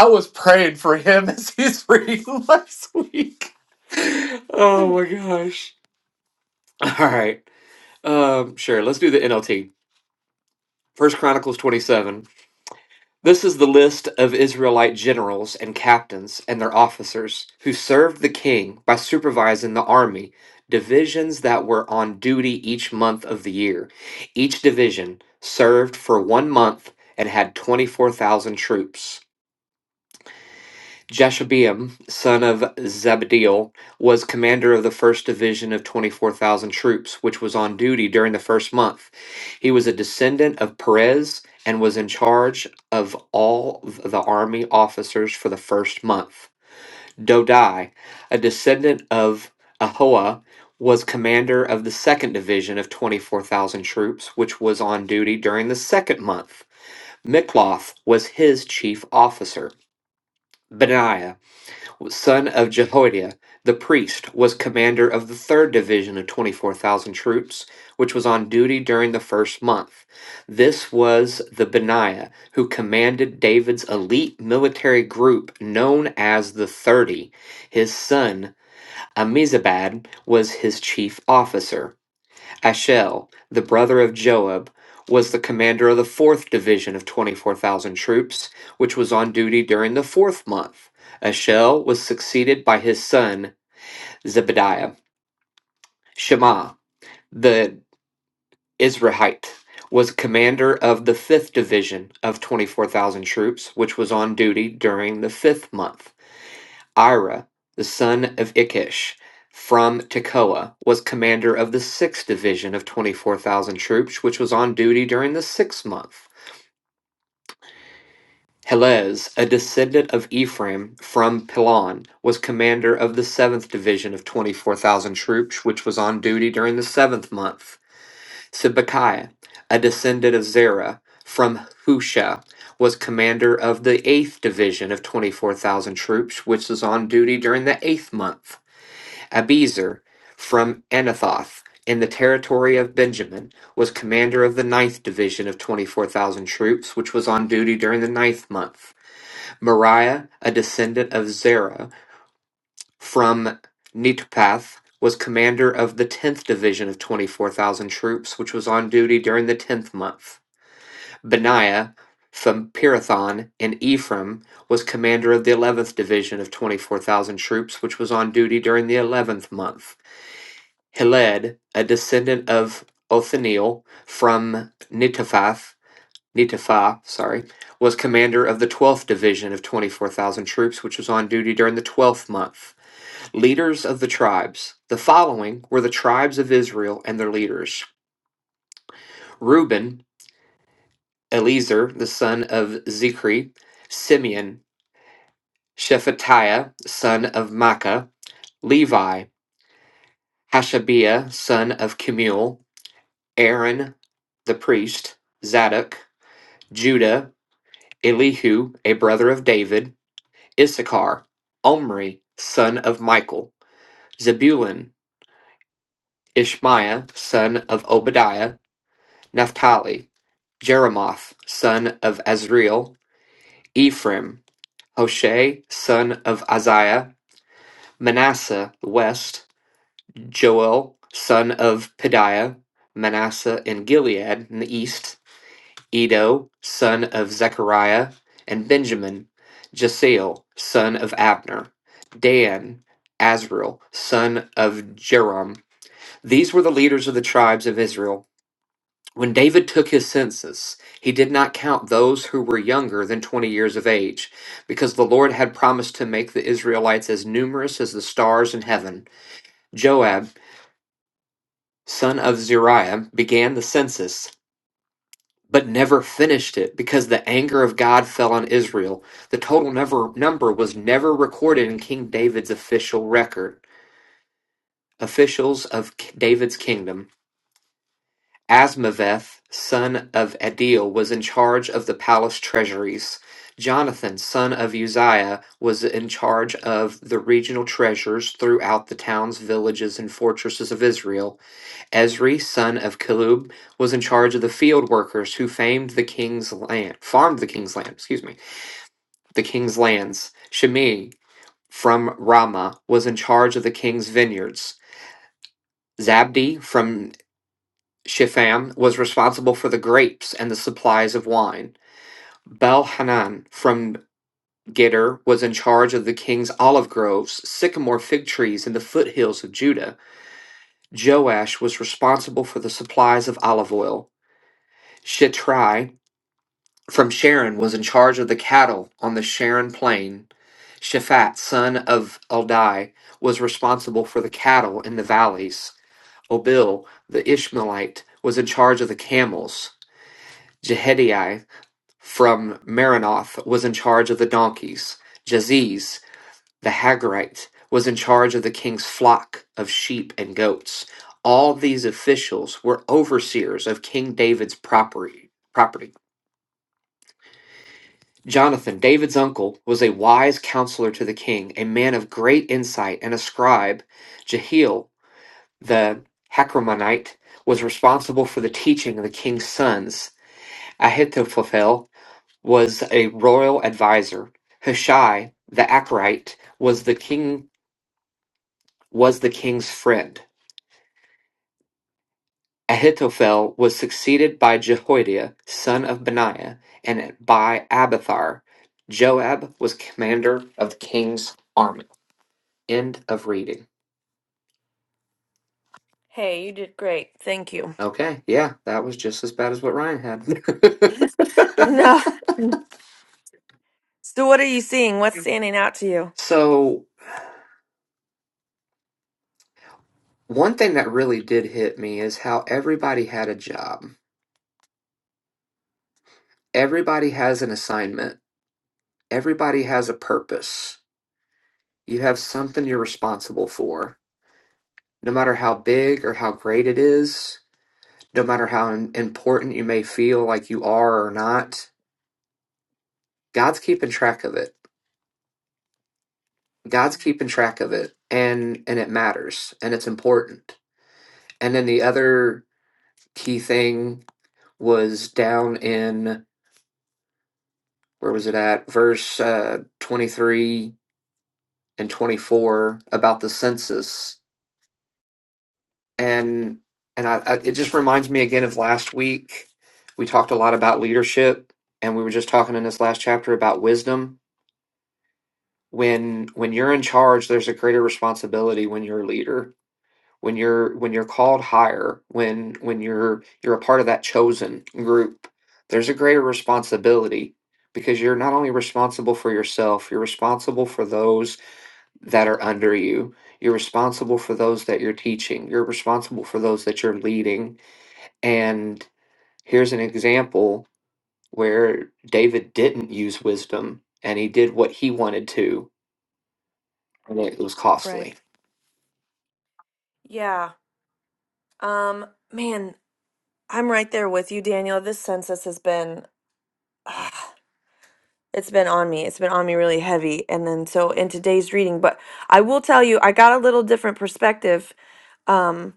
[SPEAKER 12] was praying for him as he's reading last week.
[SPEAKER 1] hmm.
[SPEAKER 12] Oh my gosh. All right. Um, sure, let's do the NLT. First Chronicles 27. This is the list of Israelite generals and captains and their officers who served the king by supervising the army, divisions that were on duty each month of the year. Each division served for one month and had 24,000 troops. Jashobeam, son of Zabdiel, was commander of the first division of 24,000 troops, which was on duty during the first month. He was a descendant of Perez and was in charge of all of the army officers for the first month. Dodai, a descendant of Ahoa, was commander of the second division of 24,000 troops, which was on duty during the second month. Mikloth was his chief officer. Benaiah, son of Jehoiada the priest, was commander of the third division of 24,000 troops, which was on duty during the first month. This was the Benaiah who commanded David's elite military group known as the 30. His son, Amizabad, was his chief officer. Ashel, the brother of Joab, was the commander of the fourth division of 24,000 troops, which was on duty during the fourth month. Ashel was succeeded by his son Zebadiah. Shema, the Israelite, was commander of the fifth division of 24,000 troops, which was on duty during the fifth month. Ira, the son of Ikish, from Tekoa, was commander of the 6th Division of 24,000 troops, which was on duty during the sixth month. Helez, a descendant of Ephraim from Pilon, was commander of the 7th Division of 24,000 troops, which was on duty during the seventh month. Sibekai, a descendant of Zerah from Husha, was commander of the 8th Division of 24,000 troops, which was on duty during the eighth month. Abiezer from Anathoth in the territory of Benjamin, was commander of the ninth division of 24,000 troops, which was on duty during the ninth month. Moriah, a descendant of Zerah from Netophath, was commander of the 10th division of 24,000 troops, which was on duty during the 10th month. Benaiah from Pirathon in Ephraim was commander of the 11th division of 24,000 troops, which was on duty during the 11th month. Heled, a descendant of Othniel from Netophath, Netopha, sorry, was commander of the 12th division of 24,000 troops, which was on duty during the 12th month. Leaders of the tribes. The following were the tribes of Israel and their leaders. Reuben, Eliezer, the son of Zichri, Simeon, Shephatiah, son of Makkah, Levi, Hashabiah, son of Kemuel, Aaron, the priest, Zadok, Judah, Elihu, a brother of David, Issachar, Omri, son of Michael, Zebulun, Ishmaiah, son of Obadiah, Naphtali, Jeremoth, son of Azriel, Ephraim, Hoshea, son of Isaiah, Manasseh west, Joel, son of Pediah, Manasseh in Gilead in the east, Edo, son of Zechariah, and Benjamin, Jasiel, son of Abner, Dan, Azriel, son of Jeroham. These were the leaders of the tribes of Israel. When David took his census, he did not count those who were younger than 20 years of age, because the Lord had promised to make the Israelites as numerous as the stars in heaven. Joab, son of Zeruiah, began the census but never finished it because the anger of God fell on Israel. The total never, number was never recorded in King David's official record. Officials of K- David's kingdom, Asmaveth, son of Adil, was in charge of the palace treasuries. Jonathan, son of Uzziah, was in charge of the regional treasures throughout the towns, villages, and fortresses of Israel. Esri, son of Kilub, was in charge of the field workers who famed the king's land, farmed the king's land, excuse me, the king's lands. Shimei from Ramah was in charge of the king's vineyards. Zabdi from Shipham was responsible for the grapes and the supplies of wine. Belhanan from Gitter was in charge of the king's olive groves, sycamore fig trees, and the foothills of Judah. Joash was responsible for the supplies of olive oil. Shitrai from Sharon was in charge of the cattle on the Sharon plain. Shaphat, son of Eldai, was responsible for the cattle in the valleys. Obil, the Ishmaelite, was in charge of the camels. Jehediah from Maranoth was in charge of the donkeys. Jaziz, the Hagarite, was in charge of the king's flock of sheep and goats. All these officials were overseers of King David's property. property. Jonathan, David's uncle, was a wise counselor to the king, a man of great insight and a scribe. Jehiel, the Hacramanite, was responsible for the teaching of the king's sons. Ahithophel was a royal advisor. Hushai, the Achrite, was the king was the king's friend. Ahithophel was succeeded by Jehoiada, son of Benaiah, and by Abathar. Joab was commander of the king's army. End of reading.
[SPEAKER 1] hey, you did great. Thank you.
[SPEAKER 12] Okay, yeah, that was just as bad as what Ryan had.
[SPEAKER 1] No. So, what are you seeing? What's standing out to you?
[SPEAKER 12] so, one thing that really did hit me is how everybody had a job. Everybody has an assignment. Everybody has a purpose. You have something you're responsible for. No matter how big or how great it is, no matter how im- important you may feel like you are or not, God's keeping track of it. God's keeping track of
[SPEAKER 1] Mm.
[SPEAKER 12] it and and it matters and it's important And then the other key thing was down in where was it at? Verse uh, 23 and 24 about the census. And and I, I it just reminds me again of last week. We talked a lot about leadership and we were just talking in this last chapter about wisdom. When when you're in charge, there's a greater responsibility when you're a leader when you're when you're called higher when when you're you're a part of that chosen group there's a greater responsibility because you're not only responsible for yourself you're responsible for those that are under you you're responsible for those that you're teaching you're responsible for those that you're leading and here's an example where david didn't use wisdom and he did what he wanted to and it was
[SPEAKER 1] Right.
[SPEAKER 12] costly
[SPEAKER 1] Yeah. Um, man, I'm right there with you, Daniel. This census has been ah, it's been on me. It's been on me really heavy. And then so in today's reading, but I will tell you, I got a little different perspective um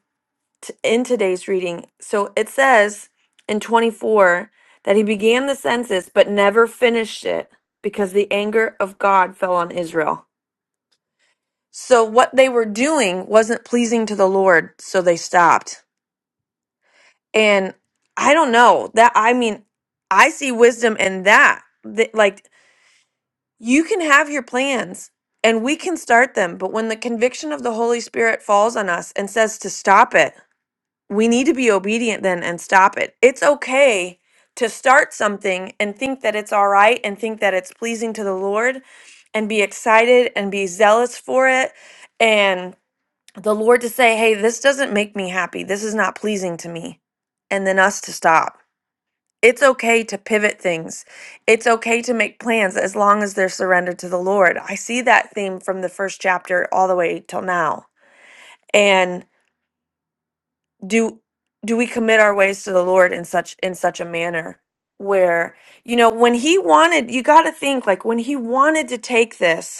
[SPEAKER 1] t- in today's reading. So it says in 24 that he began the census but never finished it because the anger of God fell on Israel. So what they were doing wasn't pleasing to the Lord, so they stopped. And I don't know that. I mean, I see wisdom in that. That like you can have your plans and we can start them, but when the conviction of the Holy Spirit falls on us and says to stop it, we need to be obedient then and stop it. It's okay to start something and think that it's all right and think that it's pleasing to the Lord and be excited and be zealous for it and the Lord to say, "Hey, this doesn't make me happy. This is not pleasing to me." And then us to stop. It's okay to pivot things. It's okay to make plans as long as they're surrendered to the Lord. I see that theme from the first chapter all the way till now. And do do we commit our ways to the Lord in such in such a manner where you know when he wanted you got to think like when he wanted to take this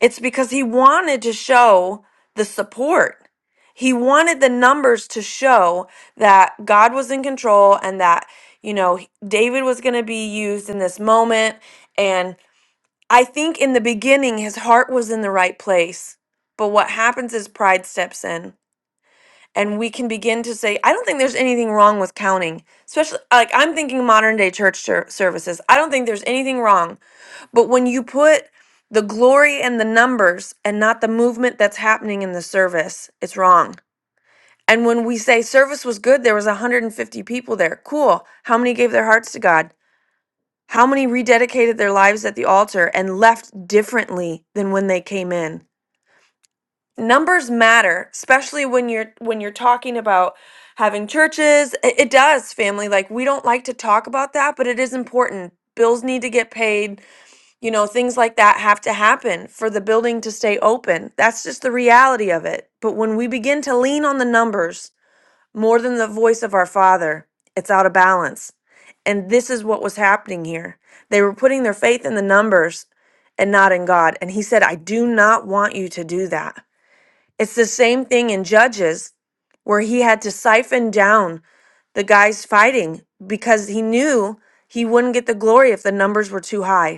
[SPEAKER 1] it's because he wanted to show the support. He wanted the numbers to show that God was in control and that, you know, David was going to be used in this moment. And I think in the beginning, his heart was in the right place. But what happens is pride steps in. And we can begin to say, I don't think there's anything wrong with counting, especially like I'm thinking modern day church ser- services. I don't think there's anything wrong but when you put the glory and the numbers and not the movement that's happening in the service, it's wrong. And when we say service was good, there was 150 people there. Cool. How many gave their hearts to God? How many rededicated their lives at the altar and left differently than when they came in? Numbers matter, especially when you're when you're talking about having churches. It, it does, family. Like we don't like to talk about that, but it is important. Bills need to get paid you know, things like that have to happen for the building to stay open. That's just the reality of it. But when we begin to lean on the numbers more than the voice of our Father, it's out of balance. And this is what was happening here. They were putting their faith in the numbers and not in God. And He said, I do not want you to do that. It's the same thing in Judges, where He had to siphon down the guys fighting because He knew He wouldn't get the glory if the numbers were too high.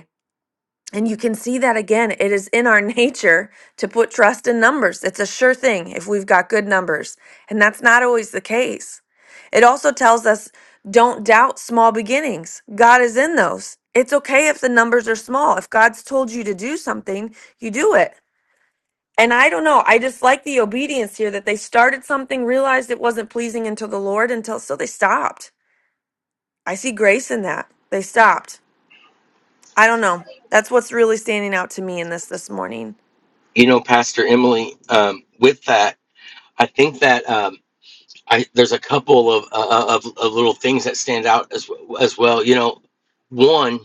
[SPEAKER 1] And you can see that again. It is in our nature to put trust in numbers. It's a sure thing if we've got good numbers. And that's not always the case. It also tells us don't doubt small beginnings. God is in those. It's okay if the numbers are small. If God's told you to do something, you do it. And I don't know. I just like the obedience here that they started something, realized it wasn't pleasing until the Lord, until so they stopped. I see grace in that. They stopped. I don't know. That's what's really standing out to me in this this morning.
[SPEAKER 13] You know, Pastor Emily, um, with that, I think that um, I, there's a couple of, uh, uh, of of little things that stand out as as well. You know, one,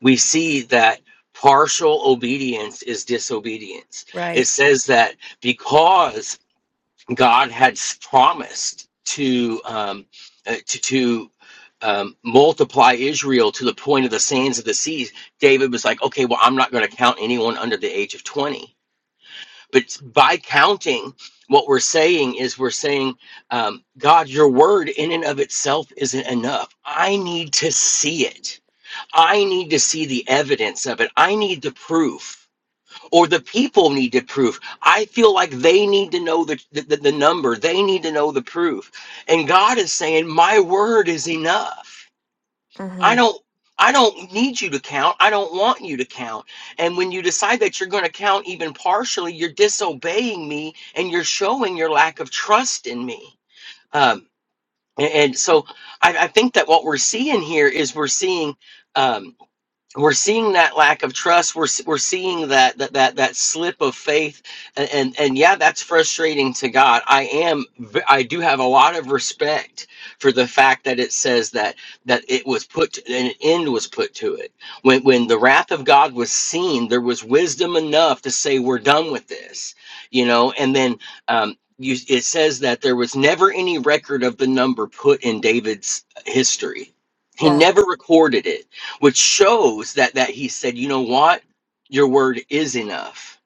[SPEAKER 13] we see that partial obedience is disobedience. It
[SPEAKER 1] Right.
[SPEAKER 13] says that because God had promised to um, uh, to to um, multiply Israel to the point of the sands of the seas, David was like, okay, well, I'm not going to count anyone under the age of twenty but by counting what we're saying is we're saying um, god your word in and of itself isn't enough i need to see it i need to see the evidence of it i need the proof or the people need the proof i feel like they need to know the, the, the number they need to know the proof and god is saying my word is enough I
[SPEAKER 1] Mm-hmm.
[SPEAKER 13] don't I don't need you to count. I don't want you to count. And when you decide that you're going to count even partially, you're disobeying me and you're showing your lack of trust in me. Um, a- and, so I, I think that what we're seeing here is we're seeing um, we're seeing that lack of trust we're we're seeing that that that that slip of faith and and, and yeah that's frustrating to god i am I do have a lot of respect for the fact that it says that that it was put to, an end was put to it when when the wrath of god was seen there was wisdom enough to say we're done with this you know and then um you, it says that there was never any record of the number put in david's history he
[SPEAKER 1] Yeah.
[SPEAKER 13] never recorded it which shows that that he said you know what your word is enough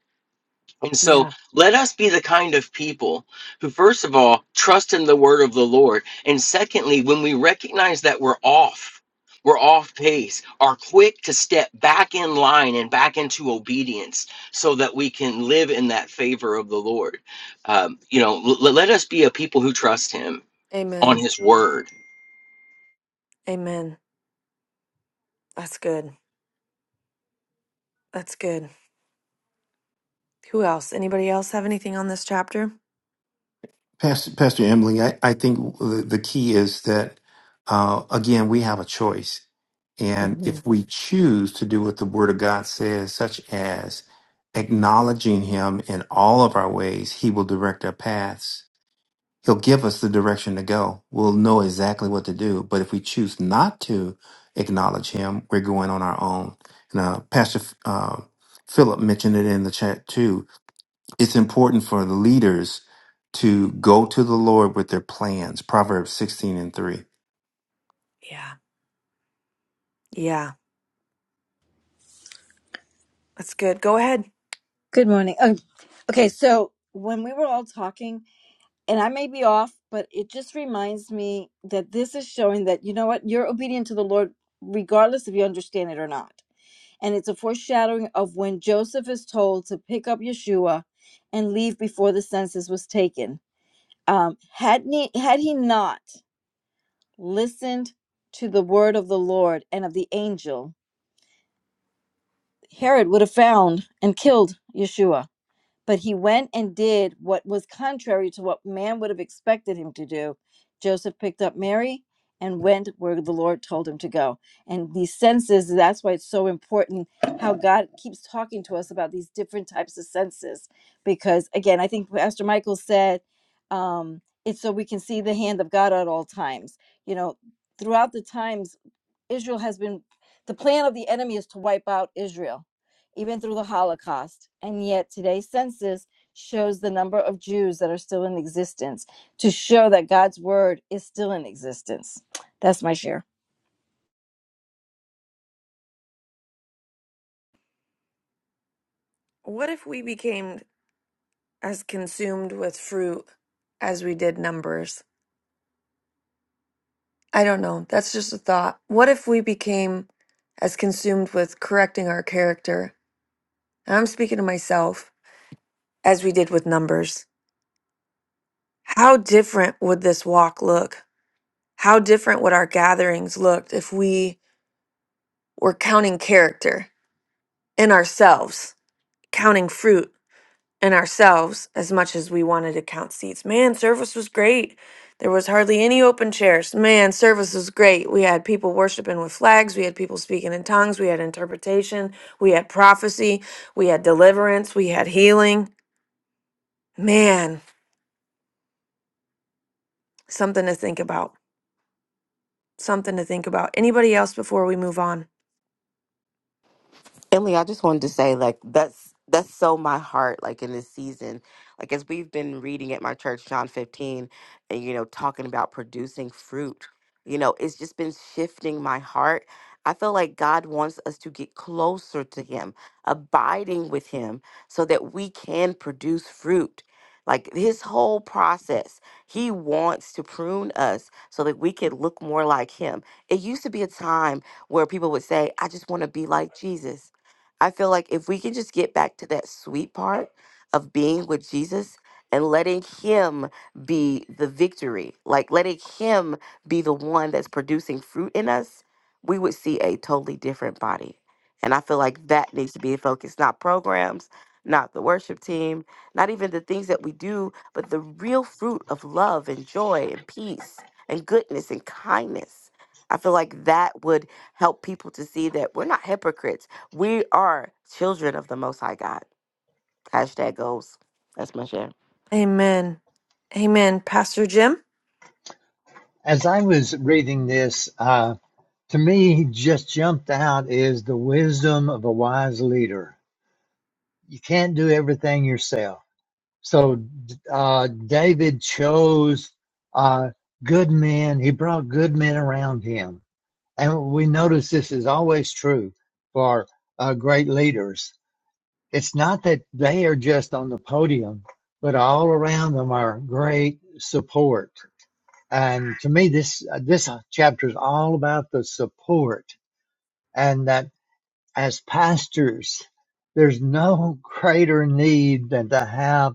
[SPEAKER 13] and so
[SPEAKER 1] Yeah.
[SPEAKER 13] let us be the kind of people who first of all trust in the word of the lord and secondly when we recognize that we're off we're off pace are quick to step back in line and back into obedience so that we can live in that favor of the lord um, you know l- let us be a people who trust him on
[SPEAKER 1] Amen.
[SPEAKER 13] his word
[SPEAKER 1] Amen. That's good. That's good. Who else? Anybody else have anything on this chapter?
[SPEAKER 3] Pastor, Pastor Emily, I, I think the, the key is that, uh, again, we have a choice. And
[SPEAKER 1] hmm
[SPEAKER 3] if we choose to do what the Word of God says, such as acknowledging Him in all of our ways, He will direct our paths. He'll give us the direction to go. We'll know exactly what to do. But if we choose not to acknowledge Him, we're going on our own. And, uh, Pastor uh, Philip mentioned it in the chat too it's important for the leaders to go to the Lord with their plans. Proverbs 16 and 3.
[SPEAKER 1] Yeah. Yeah. That's good. Go ahead.
[SPEAKER 9] Good morning. Um, okay, so when we were all talking, and I may be off, but it just reminds me that this is showing that, you know what, you're obedient to the Lord regardless if you understand it or not. and it's a foreshadowing of when Joseph is told to pick up Yeshua and leave before the census was taken. Um, had, he had he not listened to the word of the Lord and of the angel, Herod would have found and killed Yeshua But he went and did what was contrary to what man would have expected him to do. Joseph picked up Mary and went where the Lord told him to go. And these senses, that's why it's so important how God keeps talking to us about these different types of senses. Because again, I think Pastor Michael said, um, it's so we can see the hand of God at all times. You know, throughout the times Israel has been, the plan of the enemy is to wipe out Israel, even through the Holocaust. And yet today's census shows the number of Jews that are still in existence to show that God's word is still in existence. That's my share.
[SPEAKER 1] What if we became as consumed with fruit as we did numbers? I don't know. That's just a thought. What if we became as consumed with correcting our character? And I'm speaking to myself as we did with numbers. How different would this walk look? How different would our gatherings look if we were counting character in ourselves, counting fruit? and ourselves as much as we wanted to count seats. Man, service was great. There was hardly any open chairs. Man, service was great. We had people worshiping with flags. We had people speaking in tongues. We had interpretation. We had prophecy. We had deliverance. We had healing. Man, something to think about. Something to think about. Anybody else before we move on?
[SPEAKER 7] Emily, I just wanted to say, like, that's that's so my heart, like in this season. Like as we've been reading at my church, John 15, and you know, talking about producing fruit, you know, it's just been shifting my heart. I feel like God wants us to get closer to him, abiding with him, so that we can produce fruit. Like his whole process, he wants to prune us so that we can look more like him. It used to be a time where people would say, I just want to be like Jesus. I feel like if we can just get back to that sweet part of being with Jesus and letting Him be the victory, like letting Him be the one that's producing fruit in us, we would see a totally different body. And I feel like that needs to be the focus, not programs, not the worship team, not even the things that we do, but the real fruit of love and joy and peace and goodness and kindness. I feel like that would help people to see that we're not hypocrites we are children of the Most High God. Hashtag goals. That's my share.
[SPEAKER 1] Amen. Amen. Pastor Jim?
[SPEAKER 5] As I was reading this, uh, to me, just jumped out is the wisdom of a wise leader. You can't do everything yourself So uh, David chose uh, good men. He brought good men around him. And we notice this is always true for uh, great leaders. It's not that they are just on the podium, but all around them are great support. And to me, this uh, this chapter is all about the support and that as pastors, there's no greater need than to have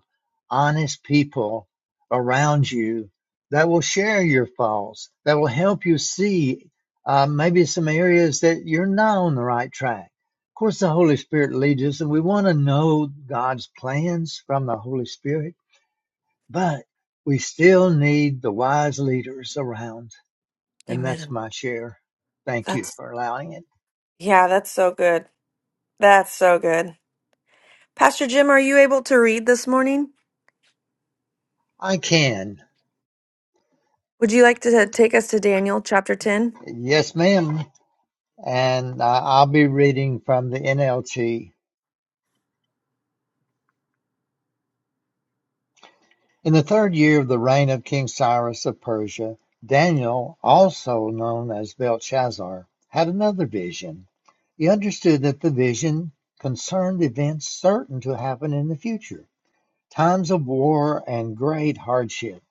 [SPEAKER 5] honest people around you that will share your faults, that will help you see uh, maybe some areas that you're not on the right track. Of course, the Holy Spirit leads us, and we want to know God's plans from the Holy Spirit, but we still need the wise leaders around. And that's
[SPEAKER 1] Amen.
[SPEAKER 5] my share. Thank you
[SPEAKER 1] That's
[SPEAKER 5] for allowing it.
[SPEAKER 1] yeah, that's so good. That's so good. Pastor Jim, are you able to read this morning?
[SPEAKER 5] I can.
[SPEAKER 1] Would you like to take us to Daniel chapter 10?
[SPEAKER 5] Yes, ma'am. and uh, I'll be reading from the NLT. In the third year of the reign of King Cyrus of Persia, Daniel, also known as Belshazzar, had another vision. He understood that the vision concerned events certain to happen in the future, times of war and great hardship.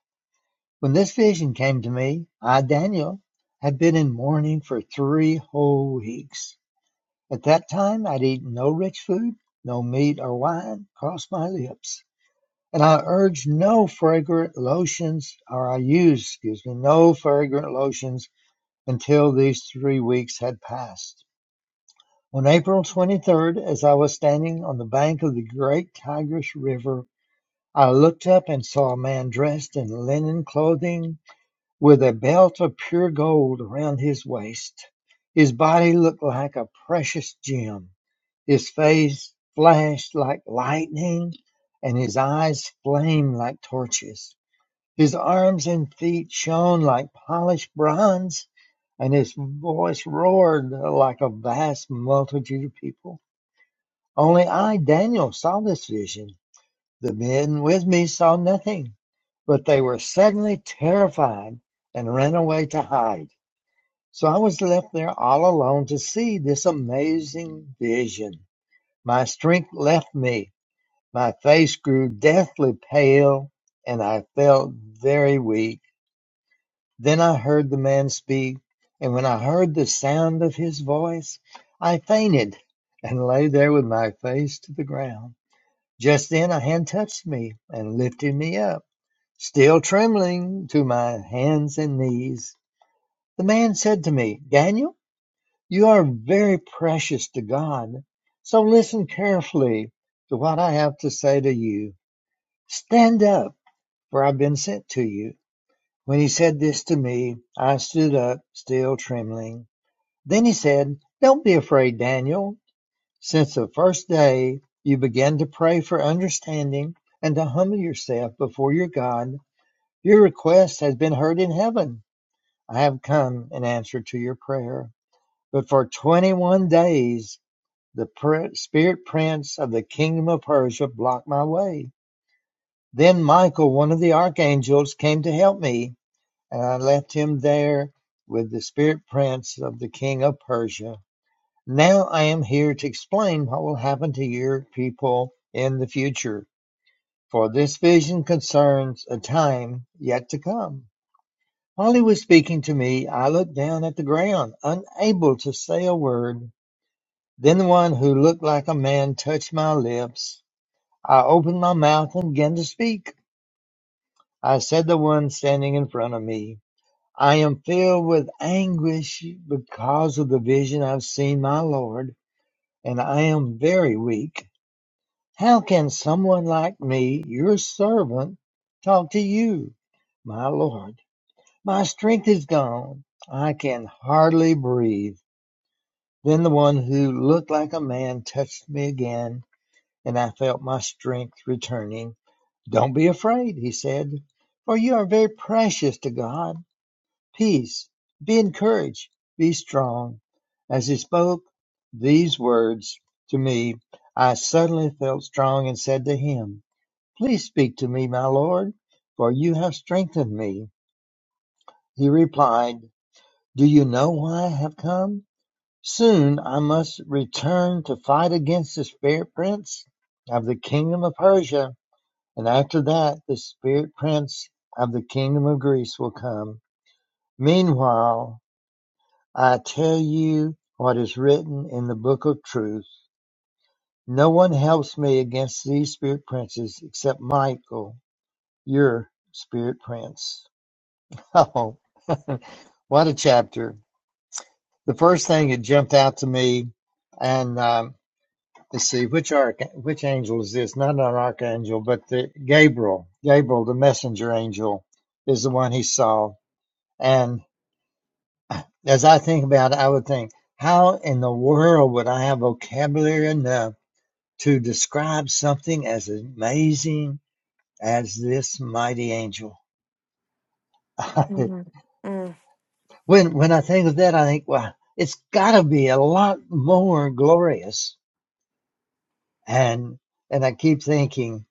[SPEAKER 5] When this vision came to me, I, Daniel, had been in mourning for three whole weeks. At that time I'd eaten no rich food, no meat or wine crossed my lips, and I urged no fragrant lotions, or I used, excuse me, no fragrant lotions until these three weeks had passed. On April 23rd, as I was standing on the bank of the great Tigris River, I looked up and saw a man dressed in linen clothing with a belt of pure gold around his waist. His body looked like a precious gem his face flashed like lightning, and his eyes flamed like torches. His arms and feet shone like polished bronze, and his voice roared like a vast multitude of people. Only I, Daniel, saw this vision. The men with me saw nothing, but they were suddenly terrified and ran away to hide. So I was left there all alone to see this amazing vision. My strength left me my face grew deathly pale, and I felt very weak. Then I heard the man speak, and when I heard the sound of his voice, I fainted and lay there with my face to the ground. Just then a hand touched me and lifted me up, still trembling to my hands and knees. The man said to me, Daniel, you are very precious to God, so listen carefully to what I have to say to you. Stand up for I've been sent to you. When he said this to me, I stood up, still trembling. Then he said, Don't be afraid, Daniel. Since the first day you began to pray for understanding and to humble yourself before your God, your request has been heard in heaven. I have come in answer to your prayer. But for 21 days, the spirit prince of the kingdom of Persia blocked my way. Then Michael, one of the archangels, came to help me and I left him there with the spirit prince of the king of Persia. Now I am here to explain what will happen to your people in the future, for this vision concerns a time yet to come. While he was speaking to me, I looked down at the ground, unable to say a word. Then the one who looked like a man touched my lips. I opened my mouth and began to speak. I said to the one standing in front of me. I am filled with anguish because of the vision I've seen, my Lord, and I am very weak. How can someone like me, your servant, talk to you, my Lord? My strength is gone. I can hardly breathe. Then the one who looked like a man touched me again, and I felt my strength returning. Don't be afraid, he said, for you are very precious to God. Peace, be encouraged, be strong. As he spoke these words to me, I suddenly felt strong and said to him, Please speak to me, my Lord, for you have strengthened me. He replied, Do you know why I have come? Soon I must return to fight against the spirit prince of the kingdom of Persia, and after that the spirit prince of the kingdom of Greece will come. Meanwhile, I tell you what is written in the book of truth. No one helps me against these spirit princes except Michael, your spirit prince. Oh, what a chapter. The first thing that jumped out to me, and um, let's see, which arch, which angel is this? Not an archangel, but the Gabriel. Gabriel, the messenger angel, is the one he saw. And as I think about it, I would think, how in the world would I have vocabulary enough? To describe something as amazing as this mighty angel.
[SPEAKER 1] Mhm. Mm,
[SPEAKER 5] when when I think of that, I think, wow, it's got to be a lot more glorious. And and I keep thinking,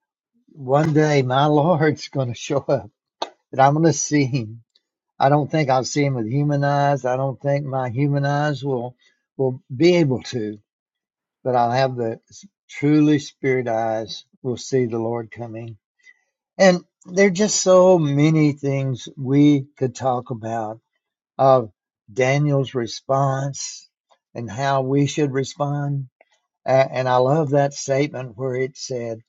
[SPEAKER 5] one day my Lord's going to show up, and I'm going to see him. I don't think I'll see him with human eyes. I don't think my human eyes will will be able to, but I'll have the truly spirit eyes. we Will see the Lord coming. And there are just so many things we could talk about of Daniel's response and how we should respond. A- And I love that statement where it said,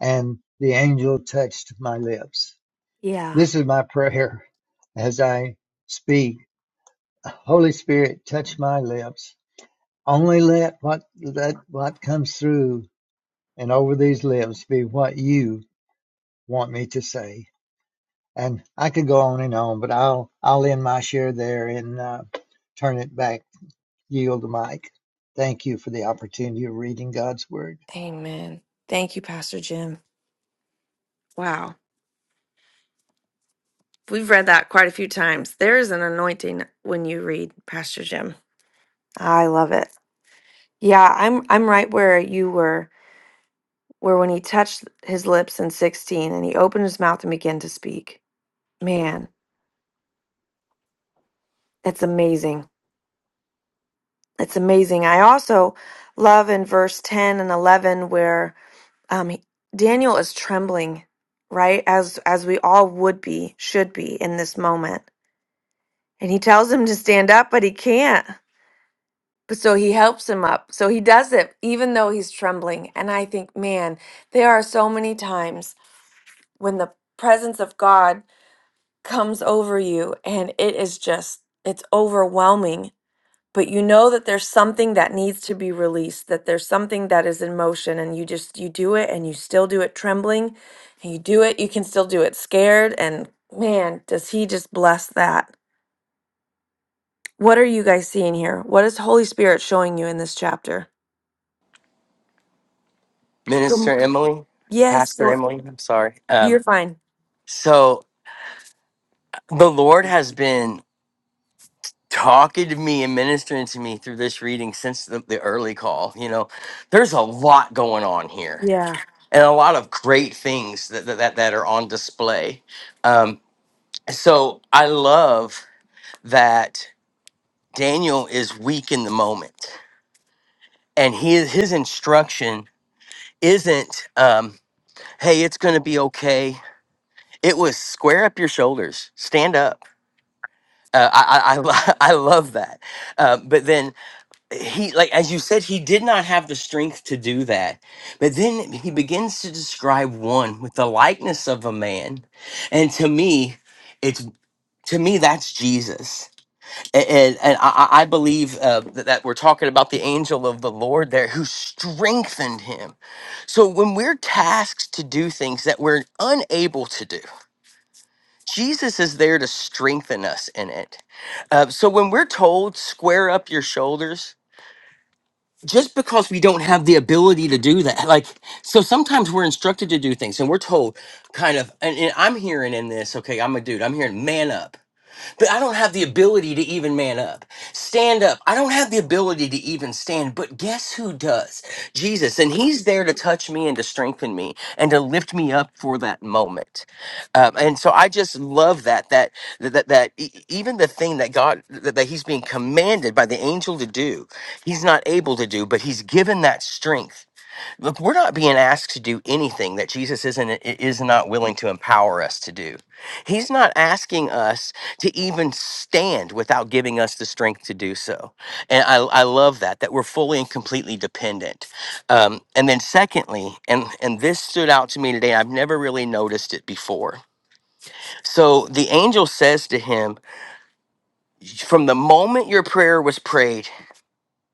[SPEAKER 5] And the angel touched my lips.
[SPEAKER 1] yeah.
[SPEAKER 5] This is my prayer as I speak. Holy Spirit, touch my lips. Only let what let what comes through and over these lips be what you want me to say. And I could go on and on, but I'll I'll end my share there and uh, turn it back, yield the mic. Thank you for the opportunity of reading God's word.
[SPEAKER 1] Amen. Thank you, Pastor Jim. Wow. We've read that quite a few times. There is an anointing when you read Pastor Jim. I love it. Yeah, I'm I'm right where you were. where when he touched his lips in 16 and he opened his mouth and began to speak. Man, it's amazing. It's amazing. I also love in verse 10 and 11 where um, he- Daniel is trembling, right? As as we all would be, should be in this moment. And he tells him to stand up, but he can't. But so he helps him up. So he does it even though he's trembling. And I think, man, there are so many times when the presence of God comes over you and it is just it's overwhelming but you know that there's something that needs to be released that there's something that is in motion and you just you do it and you still do it trembling and you do it you can still do it scared and man does he just bless that what are you guys seeing here what is holy spirit showing you in this chapter Good m-
[SPEAKER 13] Minister Emily,
[SPEAKER 1] yes
[SPEAKER 13] Pastor
[SPEAKER 1] go-
[SPEAKER 13] Emily, I'm sorry. Um,
[SPEAKER 1] you're fine
[SPEAKER 13] so the Lord has been talking to me and ministering to me through this reading since the, the early call. You know, there's a lot going on here
[SPEAKER 1] yeah
[SPEAKER 13] and a lot of great things that, that, that that are on display. Um, so I love that Daniel is weak in the moment and he, his instruction isn't, um, hey, it's going to be okay. It was square up your shoulders, stand up. Uh, I, I, I, lo- I love that. Uh, but then he like as you said he did not have the strength to do that but then he begins to describe one with the likeness of a man and to me it's to me that's jesus A- and, and i, I I believe uh, that that we're talking about the angel of the lord there who strengthened him so when we're tasked to do things that we're unable to do jesus is there to strengthen us in it uh, so when we're told square up your shoulders just because we don't have the ability to do that like so sometimes we're instructed to do things and we're told kind of and, and i'm hearing in this okay i'm a dude i'm hearing man up but I don't have the ability to even man up. Stand up. I don't have the ability to even stand, but guess who does? Jesus. And he's there to touch me and to strengthen me and to lift me up for that moment. Um, and so I just love that, that, that, that, that e- even the thing that God, that, that he's being commanded by the angel to do, he's not able to do, but he's given that strength Look, we're not being asked to do anything that Jesus isn't is not willing to empower us to do. He's not asking us to even stand without giving us the strength to do so. And I, I love that that we're fully and completely dependent. Um, and then secondly, and and this stood out to me today. I've never really noticed it before. So the angel says to him, "From the moment your prayer was prayed,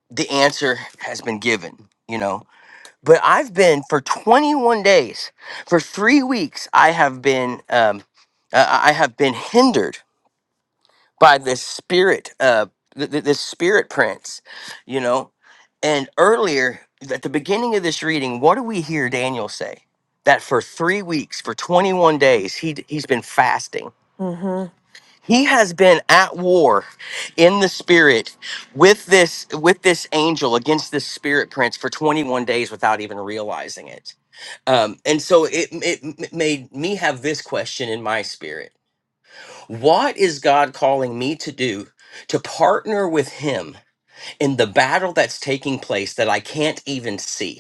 [SPEAKER 13] the answer has been given." You know, but I've been for 21 days, for three weeks, I have been, um, uh, I have been hindered by this spirit, uh, th- th- this spirit prince, you know. And earlier at the beginning of this reading, what do we hear Daniel say? That for three weeks, for 21 days, he d- he's been fasting.
[SPEAKER 1] mhm
[SPEAKER 13] He has been at war in the spirit with this with this angel against this spirit prince for 21 days without even realizing it um, and so it, it made me have this question in my spirit What is God calling me to do to partner with Him in the battle that's taking place that I can't even see?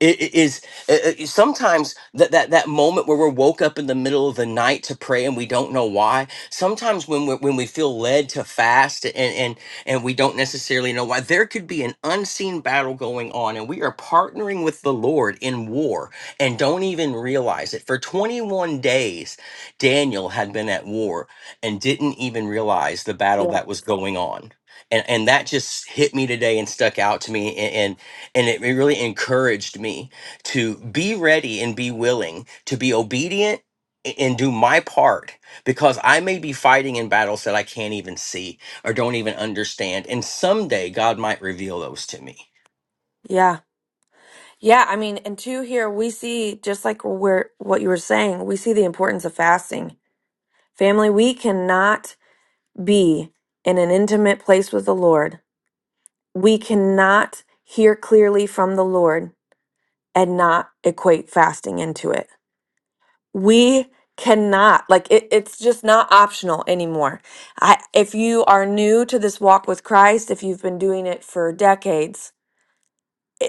[SPEAKER 13] It it is it, it- sometimes that, that that moment where we're woke up in the middle of the night to pray and we don't know why. Sometimes when we when we feel led to fast and and and we don't necessarily know why, there could be an unseen battle going on, and we are partnering with the Lord in war and don't even realize it. For 21 days, Daniel had been at war and didn't even realize the battle
[SPEAKER 1] yeah
[SPEAKER 13] that was going on. And, and that just hit me today and stuck out to me and it, it really encouraged me to be ready and be willing to be obedient a- and do my part because I may be fighting in battles that I can't even see or don't even understand. And someday God might reveal those to me.
[SPEAKER 1] yeah Yeah, I mean, and two here we see just like where what you were saying, we see the importance of fasting. Family, we cannot be in an intimate place with the Lord. We cannot hear clearly from the Lord and not equate fasting into it. We cannot like it, it's just not optional anymore. I if you are new to this walk with Christ, if you've been doing it for decades,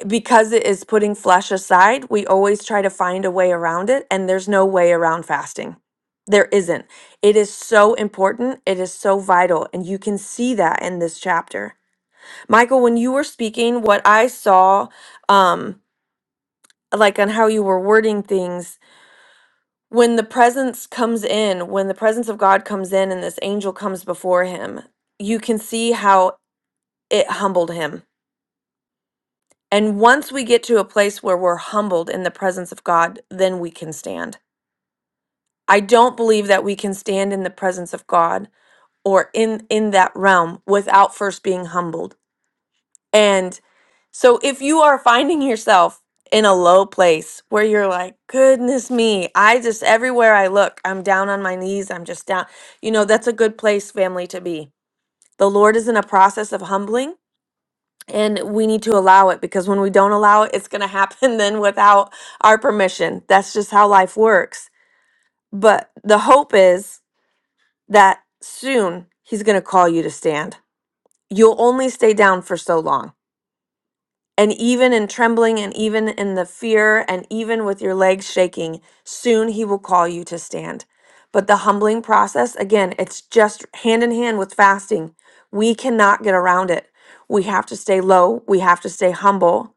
[SPEAKER 1] because it is putting flesh aside, we always try to find a way around it, and there's no way around fasting. There isn't. It is so important. It is so vital. And you can see that in this chapter. Michael, when you were speaking, what I saw, um, like on how you were wording things, when the presence comes in, when the presence of God comes in and this angel comes before him, you can see how it humbled him And once we get to a place where we're humbled in the presence of God, then we can stand. I don't believe that we can stand in the presence of God or in in that realm without first being humbled. And so if you are finding yourself in a low place where you're like, goodness me, I just everywhere I look, I'm down on my knees, I'm just down. You know, that's a good place family to be. The Lord is in a process of humbling and we need to allow it because when we don't allow it, it's going to happen then without our permission. That's just how life works. But the hope is that soon he's going to call you to stand. You'll only stay down for so long. And even in trembling, and even in the fear, and even with your legs shaking, soon he will call you to stand. But the humbling process, again, it's just hand in hand with fasting. We cannot get around it. We have to stay low. We have to stay humble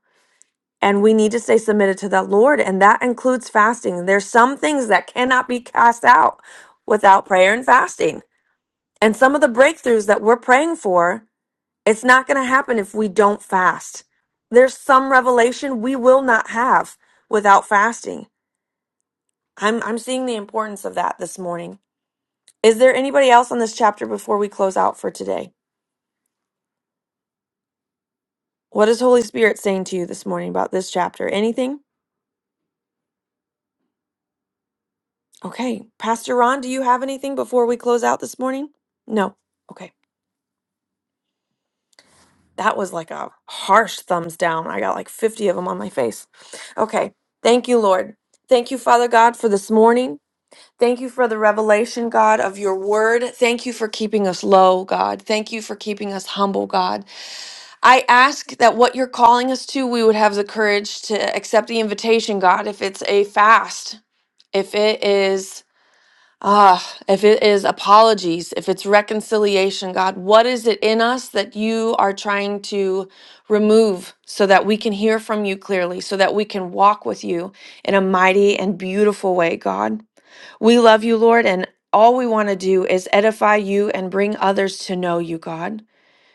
[SPEAKER 1] and we need to stay submitted to the Lord, and that includes fasting. There's some things that cannot be cast out without prayer and fasting. And some of the breakthroughs that we're praying for, it's not going to happen if we don't fast. There's some revelation we will not have without fasting. I'm I'm seeing the importance of that this morning. Is there anybody else on this chapter before we close out for today? What is Holy Spirit saying to you this morning about this chapter? Anything? Okay. Pastor Ron, do you have anything before we close out this morning? No. Okay. That was like a harsh thumbs down. I got like 50 of them on my face. Okay. Thank you, Lord. Thank you, Father God, for this morning. Thank you for the revelation, God, of your word. Thank you for keeping us low, God. Thank you for keeping us humble, God. I ask that what you're calling us to, we would have the courage to accept the invitation, God, if it's a fast, if it is. Ah, if it is apologies, if it's reconciliation, God, what is it in us that you are trying to remove so that we can hear from you clearly, so that we can walk with you in a mighty and beautiful way, God? We love you, Lord, and all we want to do is edify you and bring others to know you, God.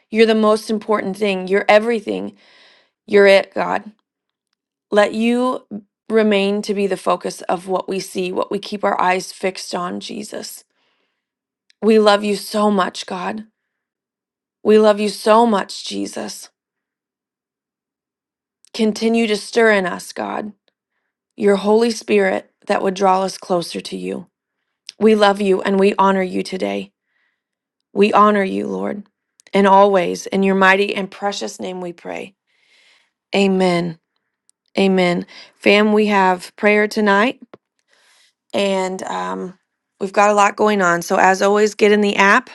[SPEAKER 1] You're the most important thing. You're everything. You're it, God. Let you remain to be the focus of what we see, what we keep our eyes fixed on, Jesus. We love you so much, God. We love you so much, Jesus. Continue to stir in us, God, your Holy Spirit that would draw us closer to you. We love you and we honor you today. We honor you, Lord. And always, in your mighty and precious name we pray. Amen. Amen. Fam, we have prayer tonight and um, we've got a lot going on. So, as always, get in the app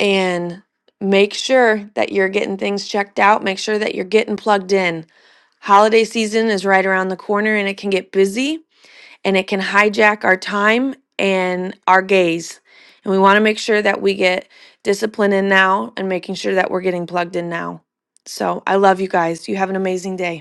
[SPEAKER 1] and make sure that you're getting things checked out. Make sure that you're getting plugged in Holiday season is right around the corner and it can get busy and it can hijack our time and our gaze. And we want to make sure that we get discipline in now and making sure that we're getting plugged in now. So I love you guys. You have an amazing day.